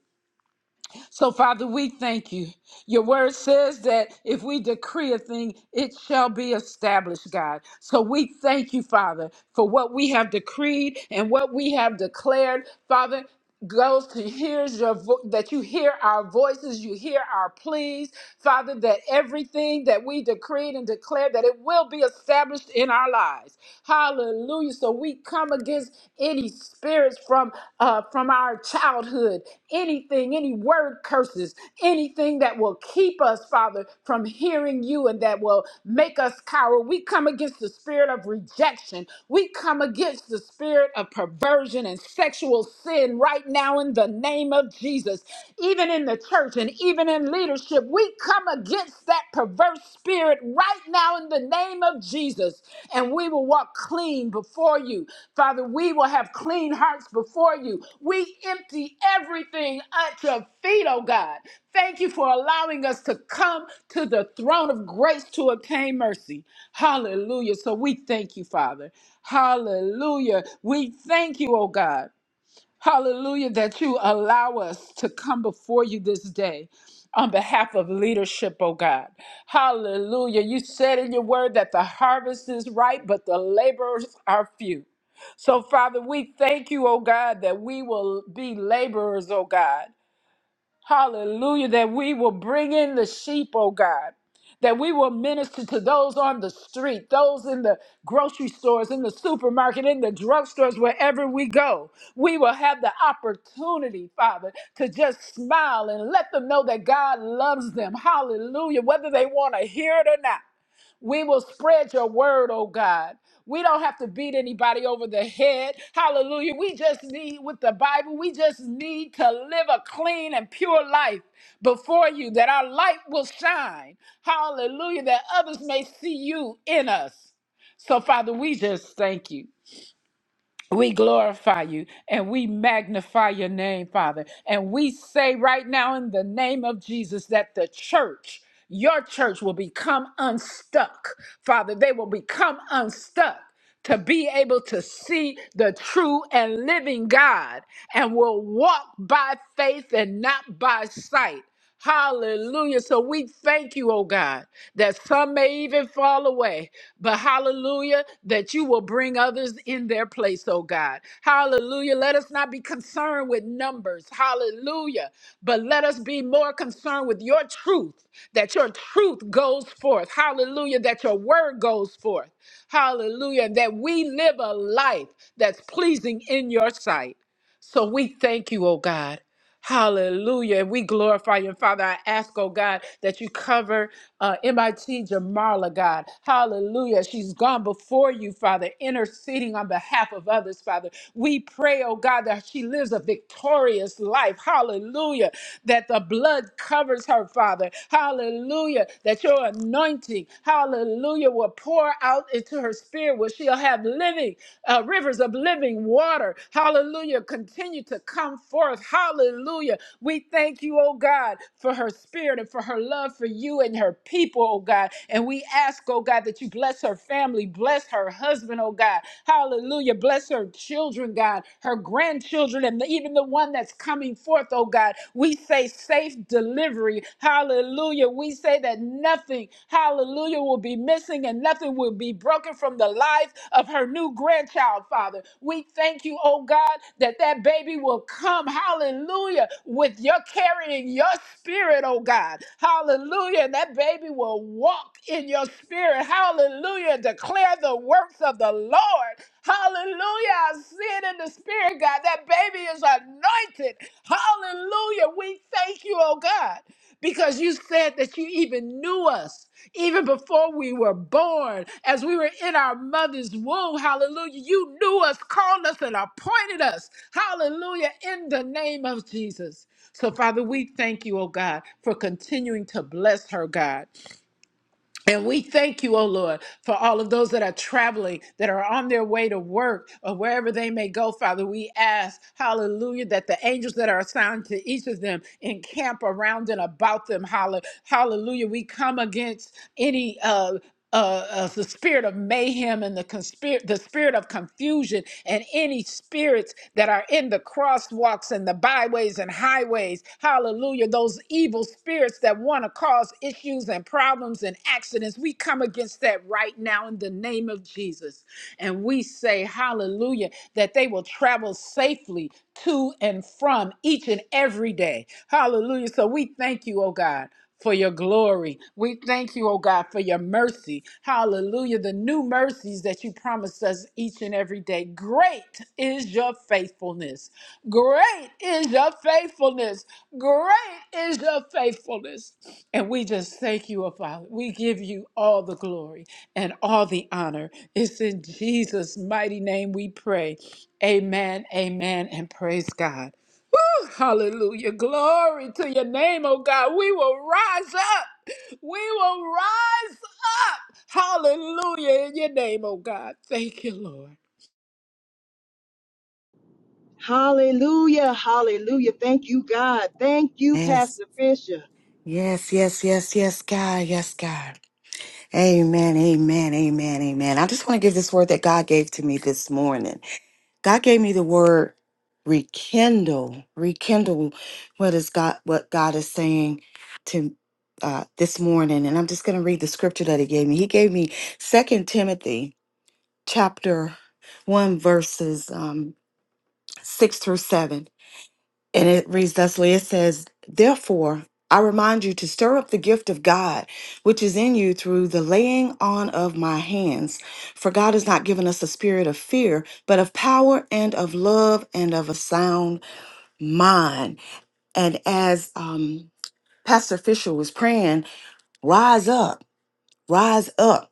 Speaker 2: So, Father, we thank you. Your word says that if we decree a thing, it shall be established, God. So, we thank you, Father, for what we have decreed and what we have declared, Father goes to hears your vo- that you hear our voices you hear our pleas father that everything that we decreed and declare that it will be established in our lives hallelujah so we come against any spirits from uh from our childhood anything any word curses anything that will keep us father from hearing you and that will make us cower we come against the spirit of rejection we come against the spirit of perversion and sexual sin right now in the name of Jesus. Even in the church and even in leadership, we come against that perverse spirit right now in the name of Jesus. And we will walk clean before you. Father, we will have clean hearts before you. We empty everything at your feet, oh God. Thank you for allowing us to come to the throne of grace to obtain mercy. Hallelujah. So we thank you, Father. Hallelujah. We thank you, oh God. Hallelujah, that you allow us to come before you this day on behalf of leadership, oh God. Hallelujah. You said in your word that the harvest is ripe, but the laborers are few. So, Father, we thank you, oh God, that we will be laborers, oh God. Hallelujah. That we will bring in the sheep, oh God. That we will minister to those on the street, those in the grocery stores, in the supermarket, in the drugstores, wherever we go. We will have the opportunity, Father, to just smile and let them know that God loves them. Hallelujah. Whether they want to hear it or not. We will spread your word, oh God. We don't have to beat anybody over the head. Hallelujah. We just need, with the Bible, we just need to live a clean and pure life before you that our light will shine. Hallelujah. That others may see you in us. So, Father, we just thank you. We glorify you and we magnify your name, Father. And we say right now in the name of Jesus that the church, your church, will become unstuck, Father. They will become unstuck to be able to see the true and living God and will walk by faith and not by sight. Hallelujah. So we thank you, oh God, that some may even fall away, but hallelujah, that you will bring others in their place, oh God. Hallelujah. Let us not be concerned with numbers. Hallelujah. But let us be more concerned with your truth, that your truth goes forth. Hallelujah. That your word goes forth. Hallelujah. And that we live a life that's pleasing in your sight. So we thank you, oh God. Hallelujah. We glorify you. And Father, I ask, oh God, that you cover uh, MIT Jamarla, God. Hallelujah. She's gone before you, Father, interceding on behalf of others, Father. We pray, oh God, that she lives a victorious life. Hallelujah. That the blood covers her, Father. Hallelujah. That your anointing, hallelujah, will pour out into her spirit year where she'll have living uh, rivers of living water. Hallelujah. Continue to come forth. Hallelujah. We thank you, oh God, for her spirit and for her love for you and her people, oh God. And we ask, oh God, that you bless her family, bless her husband, oh God. Hallelujah. Bless her children, God, her grandchildren, and even the one that's coming forth, oh God. We say safe deliverance delivery. Hallelujah. We say that nothing, hallelujah, will be missing and nothing will be broken from the life of her new grandchild, Father. We thank you, oh God, that that baby will come, hallelujah, with your carrying your spirit, oh God. Hallelujah. And that baby will walk in your spirit, hallelujah, declare the works of the Lord. Hallelujah. I see in the spirit, God. That baby is anointed. Hallelujah. We thank you, oh God, because you said that you even knew us even before we were born, as we were in our mother's womb. Hallelujah. You knew us, called us, and appointed us. Hallelujah. In the name of Jesus. So, Father, we thank you, oh God, for continuing to bless her, God. And we thank you, O Lord, for all of those that are traveling, that are on their way to work or wherever they may go, Father. We ask, hallelujah, that the angels that are assigned to each of them encamp around and about them. Hall- Hallelujah. We come against any uh, uh, uh, the spirit of mayhem and the conspir- the spirit of confusion and any spirits that are in the crosswalks and the byways and highways. Hallelujah. Those evil spirits that want to cause issues and problems and accidents. We come against that right now in the name of Jesus. And we say, Hallelujah, that they will travel safely to and from each and every day. Hallelujah. So we thank you, oh God for your glory. We thank you, oh God, for your mercy. Hallelujah. The new mercies that you promise us each and every day. Great is your faithfulness. Great is your faithfulness. Great is your faithfulness. And we just thank you, oh Father. We give you all the glory and all the honor. It's in Jesus' mighty name we pray. Amen, amen, and praise God. Woo! Hallelujah. Glory to your name, oh God. We will rise up. We will rise up. Hallelujah in your name, oh God. Thank you, Lord.
Speaker 1: Hallelujah. Hallelujah. Thank you, God. Thank you,
Speaker 3: Yes,
Speaker 1: Pastor Fisher.
Speaker 3: yes, yes, yes, yes, God, yes, God. Amen, amen, amen, amen. I just want to give this word that God gave to me this morning. God gave me the word rekindle, rekindle what is God, what God is saying to uh, this morning. And I'm just going to read the scripture that he gave me. He gave me Second Timothy chapter 1, verses um, 6 through 7. And it reads thusly it says, Therefore, I remind you to stir up the gift of God, which is in you through the laying on of my hands. For God has not given us a spirit of fear, but of power and of love and of a sound mind. And as um, Pastor Fisher was praying, rise up, rise up.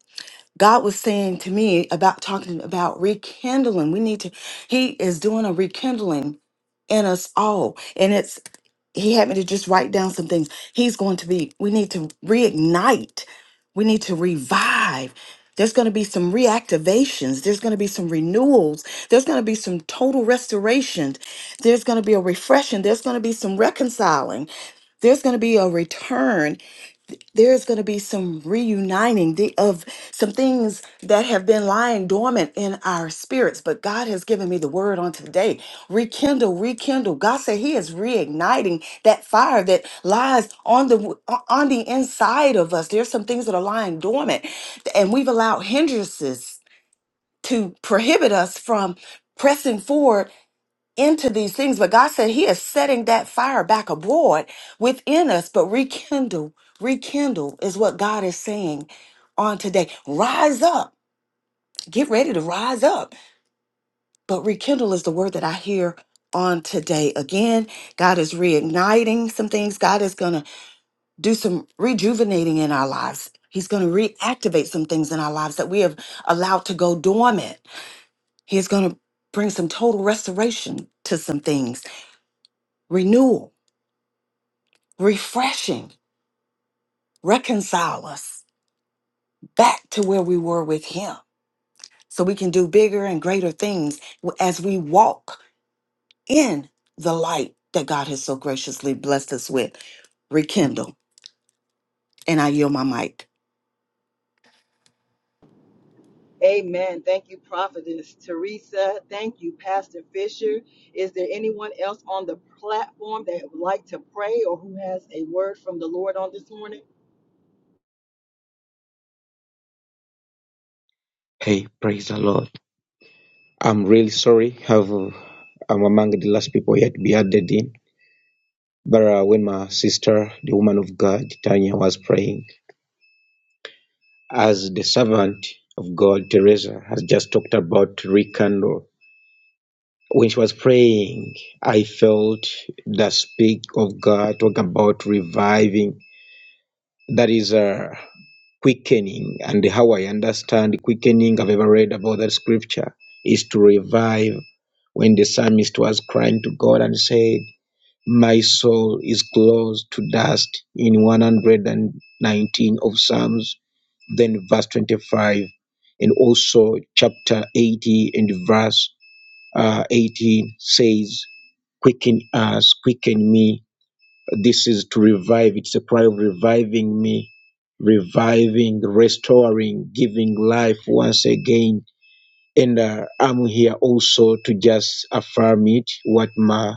Speaker 3: God was saying to me about talking about rekindling. We need to, He is doing a rekindling in us all. And it's he had me to just write down some things. He's going to be, we need to reignite. We need to revive. There's going to be some reactivations. There's going to be some renewals. There's going to be some total restorations. There's going to be a refreshing. There's going to be some reconciling. There's going to be a return there's going to be some reuniting the, of some things that have been lying dormant in our spirits. But God has given me the word on today rekindle, rekindle. God said He is reigniting that fire that lies on the on the inside of us. There's some things that are lying dormant, and we've allowed hindrances to prohibit us from pressing forward into these things, but God said He is setting that fire back abroad within us. But rekindle, rekindle is what God is saying on today. Rise up, get ready to rise up. But rekindle is the word that I hear on today. Again, God is reigniting some things, God is going to do some rejuvenating in our lives. He's going to reactivate some things in our lives that we have allowed to go dormant. He's going to bring some total restoration to some things, renewal refreshing, reconcile us back to where we were with Him so we can do bigger and greater things as we walk in the light that God has so graciously blessed us with. Rekindle. And I yield my mic.
Speaker 1: Uh, Thank you, Pastor Fisher. Is there anyone else on the platform that would like to pray or who has a word from the Lord on this morning?
Speaker 4: Hey, praise the Lord. I'm really sorry. Have I'm among the last people yet to be added in. But uh, when my sister, the woman of God, Tanya, was praying, as the servant of God, Teresa, has just talked about rekindle. When she was praying, I felt the speak of God talk about reviving that is a quickening. And how I understand quickening, I've ever read about that scripture, is to revive when the psalmist was crying to God and said, My soul is close to dust in 119 of Psalms, then verse 25, and also chapter 80 and verse uh, 18 says, Quicken us, quicken me, this is to revive. It's a prayer of reviving me, reviving, restoring, giving life once again. And uh, I'm here also to just affirm it, what my,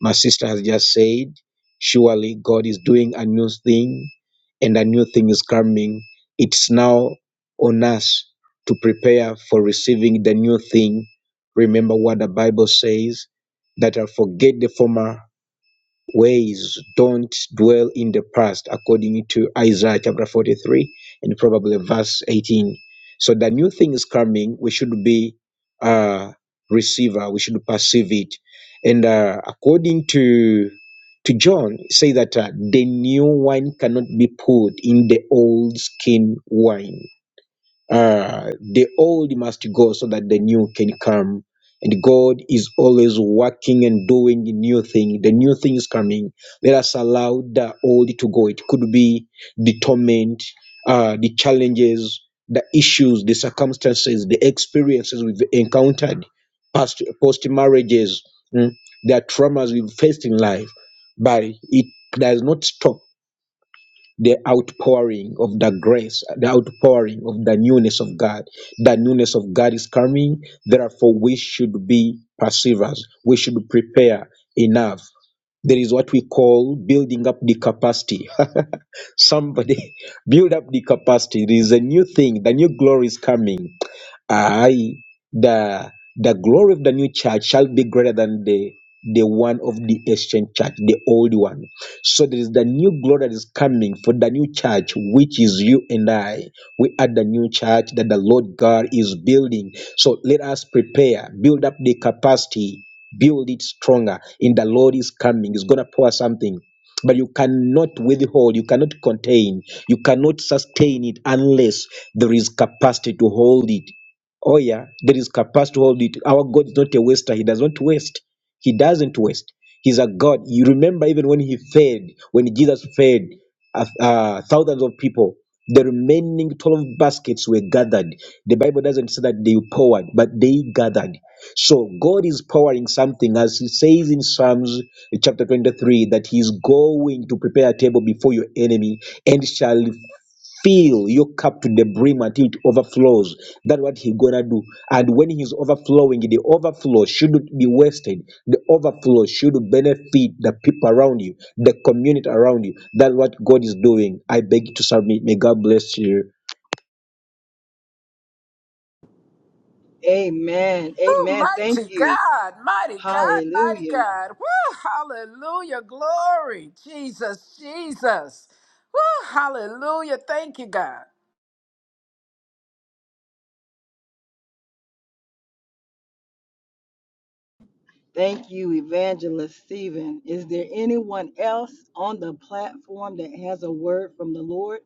Speaker 4: my sister has just said. Surely God is doing a new thing, and a new thing is coming. It's now on us to prepare for receiving the new thing. Remember what the Bible says that I forget the former ways don't dwell in the past, according to Isaiah chapter 43 and probably verse 18. So the new thing is coming. We should be uh, receiver. We should perceive it. And uh, according to to John, say that uh, the new wine cannot be poured in the old skin wine. Uh, the old must go so that the new can come. And God is always working and doing the new thing. The new thing is coming. Let us allow the old to go. It could be the torment, uh, the challenges, the issues, the circumstances, the experiences we've encountered, past post marriages, mm, the traumas we've faced in life. But it does not stop the outpouring of the grace, the outpouring of the newness of God. The newness of God is coming. Therefore, we should be perseverers. We should prepare enough. There is what we call building up the capacity. Somebody build up the capacity. There is a new thing. The new glory is coming. I, the the glory of the new church shall be greater than the the one of the ancient church, the old one. So there is the new glory that is coming for the new church, which is you and I. We are the new church that the Lord God is building. So let us prepare, build up the capacity, build it stronger. In the Lord is coming, He's gonna pour something. But you cannot withhold, you cannot contain, you cannot sustain it unless there is capacity to hold it Oh, yeah, there is capacity to hold it. Our God is not a waster. He does not waste. He doesn't waste. He's a God. You remember, even when he fed, when Jesus fed uh, uh, thousands of people, the remaining 12 baskets were gathered. The Bible doesn't say that they poured, but they gathered. So God is powering something, as he says in Psalms chapter 23, that he is going to prepare a table before your enemy and shall fill your cup to the brim until it overflows. That's what He's gonna do. And when He's overflowing, the overflow shouldn't be wasted. The overflow should benefit the people around you, the community around you. That's what God is doing. I beg you to submit. May God bless you.
Speaker 2: Woo, mighty God, mighty God, mighty God. Woo, hallelujah, glory, Jesus, Jesus. Woo, hallelujah, thank you, God.
Speaker 1: Thank you, Evangelist Stephen. Is there anyone else on the platform that has a word from the Lord?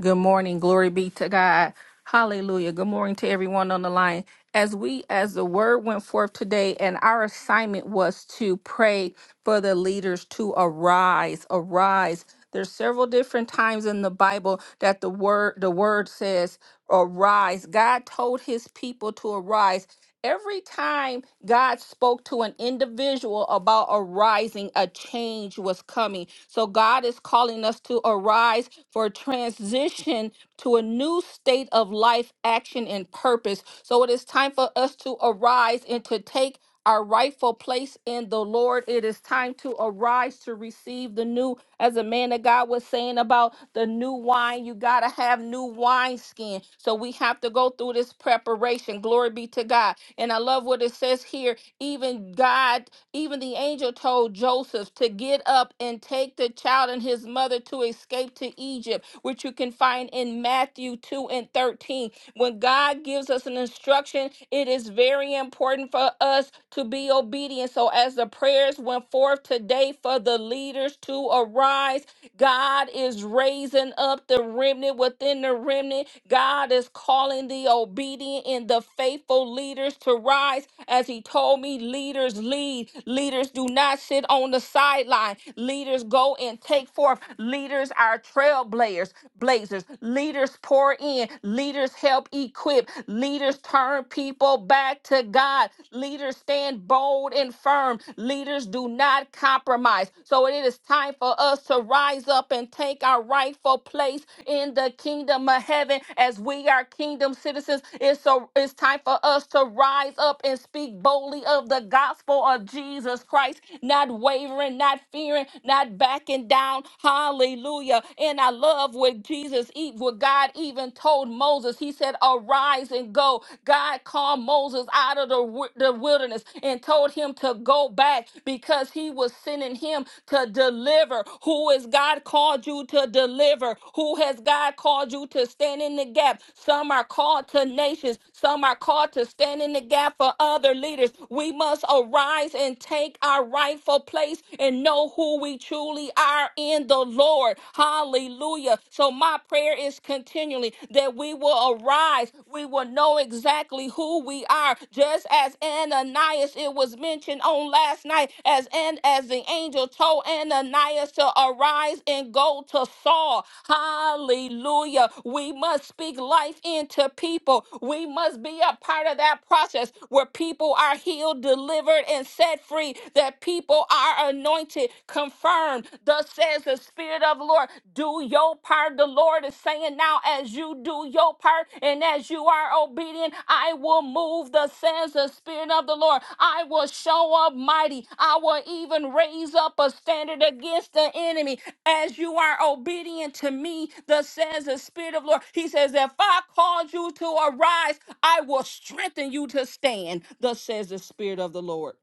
Speaker 5: Good morning. Glory be to God. Hallelujah. Good morning to everyone on the line. As we, as the word went forth today, and our assignment was to pray for the leaders to arise, arise. There's several different times in the Bible that the word the word says arise. God told his people to arise. Every time God spoke to an individual about arising, a change was coming. So God is calling us to arise for transition to a new state of life, action, and purpose. So it is time for us to arise and to take our rightful place in the Lord. It is time to arise to receive the new as a man of God was saying about the new wine, you got to have new wine skin. So we have to go through this preparation. Glory be to God. And I love what it says here. Even God even the angel told Joseph to get up and take the child and his mother to escape to Egypt, which you can find in Matthew 2 and 13. When God gives us an instruction, it is very important for us to be obedient. So, as the prayers went forth today for the leaders to arise, God is raising up the remnant within the remnant. God is calling the obedient and the faithful leaders to rise. As He told me, lead. Leaders lead. Leaders do not sit on the sideline. Leaders go and take forth. Leaders are trailblazers. Blazers. Leaders pour in. Leaders help equip. Leaders turn people back to God. Leaders stand bold and firm. Leaders do not compromise. So it is time for us to rise up and take our rightful place in the kingdom of heaven as we are kingdom citizens. It's so it's time for us to rise up and speak boldly speak boldly of the gospel of Jesus Christ, not wavering, not fearing, not backing down. Hallelujah. And I love what Jesus, e- what God even told Moses. He said, Arise and go. God called Moses out of the, wi- the wilderness and told him to go back because he was sending him to deliver. Who has God called you to deliver? Who has God called you to stand in the gap? Some are called to nations, some are called to stand in the gap that for other leaders. We must arise and take our rightful place and know who we truly are in the Lord. Hallelujah. So, my prayer is continually that we will arise. We will know exactly who we are. Just as Ananias, it was mentioned on last night, as, and as the angel told Ananias to arise and go to Saul. Hallelujah. We must speak life into people. We must be a part part of that process where people are healed, delivered, and set free, that people are anointed, confirmed. Thus says the Spirit of the Lord, do your part. The Lord is saying now, as you do your part and as you are obedient, I will move, thus says the Spirit of the Lord. I will show up mighty. I will even raise up a standard against the enemy as you are obedient to me, thus says the Spirit of the Lord. He says, If I called you to arise, I will strengthen you to stand, thus says the Spirit of the Lord.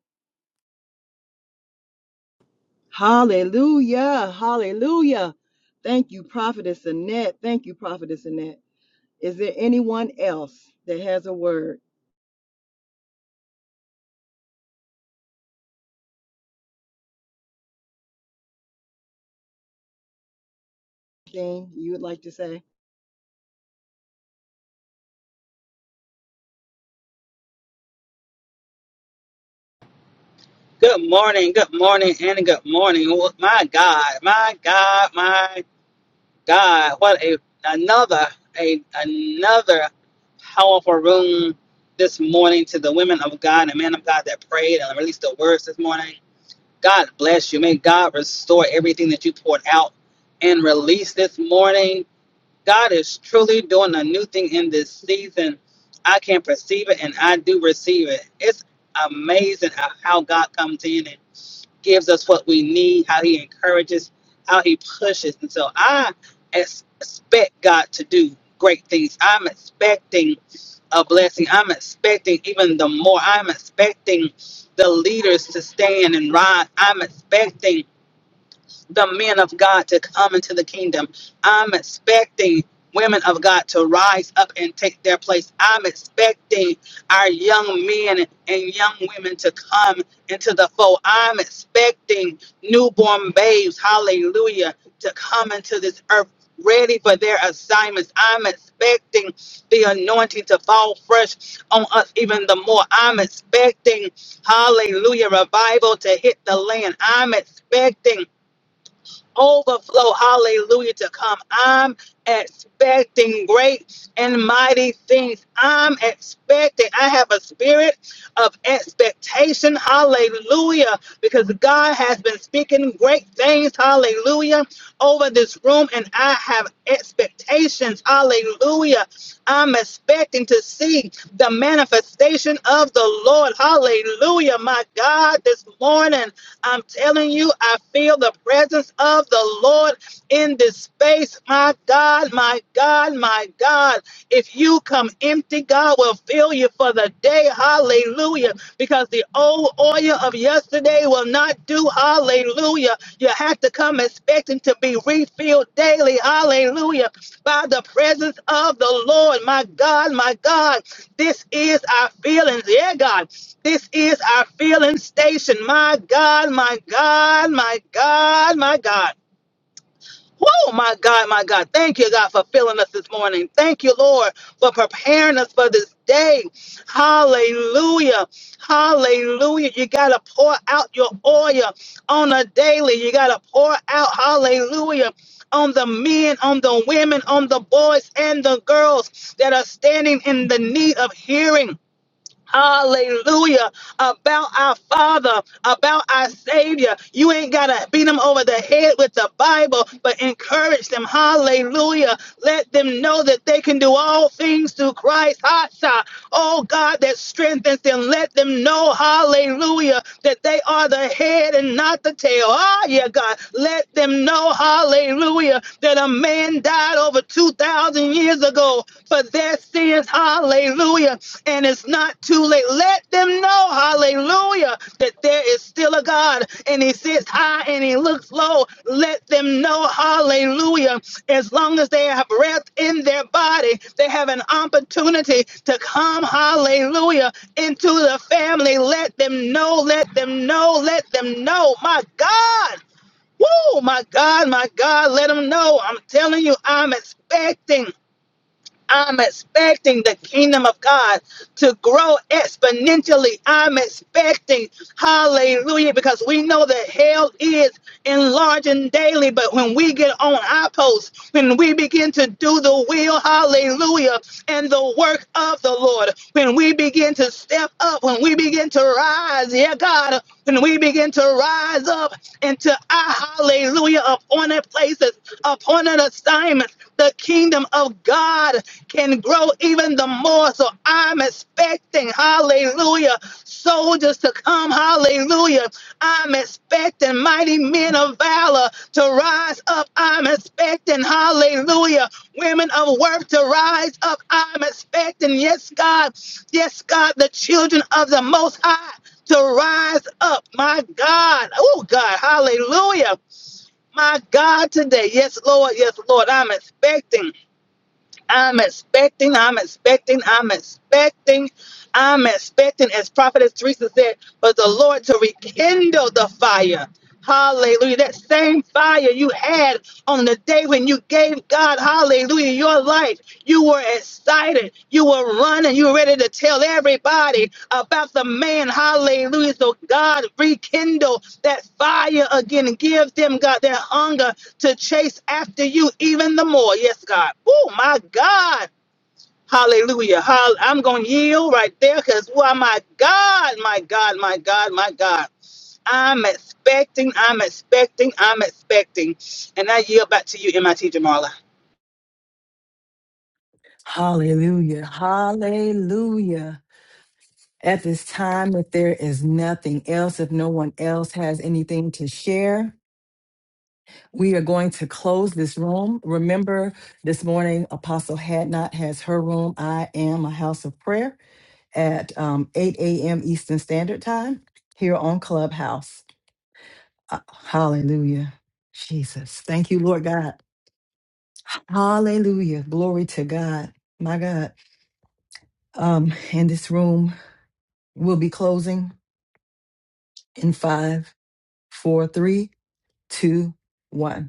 Speaker 1: Say,
Speaker 6: Good morning, good morning, and good morning. Wh- My God, my God, my God! What a another a another powerful room this morning to the women of God and men of God that prayed and released the words this morning. God bless you. May God restore everything that you poured out and released this morning. God is truly doing a new thing in this season. I can perceive it and I do receive it. It's amazing how how God comes in and gives us what we need, how he encourages, how he pushes. And so I ex- expect God to do great things. I'm expecting a blessing. I'm expecting even the more. I'm expecting the leaders to stand and rise. I'm expecting the men of God to come into the kingdom. I'm expecting women of God to rise up and take their place. I'm expecting our young men and young women to come into the fold. I'm expecting newborn babes, hallelujah, to come into this earth ready for their assignments. I'm expecting the anointing to fall fresh on us even the more. I'm expecting, hallelujah, revival to hit the land. I'm expecting overflow, hallelujah, to come. I'm expecting great and mighty things. I'm expecting. I have a spirit of expectation, hallelujah, because God has been speaking great things, hallelujah, over this room, and I have expectations, hallelujah. I'm expecting to see the manifestation of the Lord, hallelujah, my God, this morning. I'm telling you, I feel the presence of the Lord in this space. My God, my God, my God. If you come empty, God will fill you for the day. Hallelujah. Because the old oil of yesterday will not do. Hallelujah. You have to come expecting to be refilled daily. Hallelujah. By the presence of the Lord. My God, my God. This is our feelings. Yeah, God. This is our filling station. My God, my God, my God, my God. Whoa, my God, my God. Thank you, God, for filling us this morning. Thank you, Lord, for preparing us for this day. Hallelujah. Hallelujah. You got to pour out your oil on a daily. You got to pour out, hallelujah, on the men, on the women, on the boys and the girls that are standing in the need of hearing. Hallelujah. About our Father, about our Savior. You ain't got to beat them over the head with the Bible, but encourage them. Hallelujah. Let them know that they can do all things through Christ. Hasha oh God, that strengthens them. Let them know, hallelujah, that they are the head and not the tail. Ah, yeah, God, let them know, hallelujah, that a man died over 2,000 years ago for their sins, hallelujah, and it's not too late. Let them know, hallelujah that there is still a God and he sits high and he looks low. Let them know, hallelujah, as long as they have breath in their body, they have an opportunity to come, hallelujah, into the family. Let them know, let them know, let them know, my God. Woo, my God, my God, let them know. I'm telling you, I'm expecting. I'm expecting the kingdom of God to grow exponentially. I'm expecting, hallelujah, because we know that hell is enlarging daily. But when we get on our post, when we begin to do the will, hallelujah, and the work of the Lord, when we begin to step up, when we begin to rise, yeah, God. And we begin to rise up into a hallelujah appointed places, appointed assignments. The kingdom of God can grow even the more. So I'm expecting, hallelujah, soldiers to come, hallelujah. I'm expecting mighty men of valor to rise up. I'm expecting, hallelujah, women of worth to rise up. I'm expecting, yes, God, yes, God, the children of the Most High to rise up. My God. Oh, God. Hallelujah. My God, today. Yes, Lord. Yes, Lord. I'm expecting. I'm expecting. I'm expecting. I'm expecting. I'm expecting, as Prophetess Teresa said, for the Lord to rekindle the fire. Hallelujah. That same fire you had on the day when you gave God, hallelujah, your life. You were excited. You were running. You were ready to tell everybody about the man. Hallelujah. So God rekindle that fire again. Give them, God, that hunger to chase after you even the more. Yes, God. Oh, my God. Hallelujah. Hall- I'm going to yield right there because, why, my God, my God, my God, my God. I'm expecting, I'm expecting, I'm expecting. And I yield back to you, MIT Jamala.
Speaker 1: Hallelujah. Hallelujah. Time if there is nothing else, if no one else has anything to share, we are going to close. This morning, Apostle Hadnot has her room. I am a house of prayer at um, 8 a.m. Eastern Standard Time here on Clubhouse. Uh, hallelujah. Jesus. Thank you, Lord God. Hallelujah. Glory to God. My God. Um, and this room will be closing in five, four, three, two, one.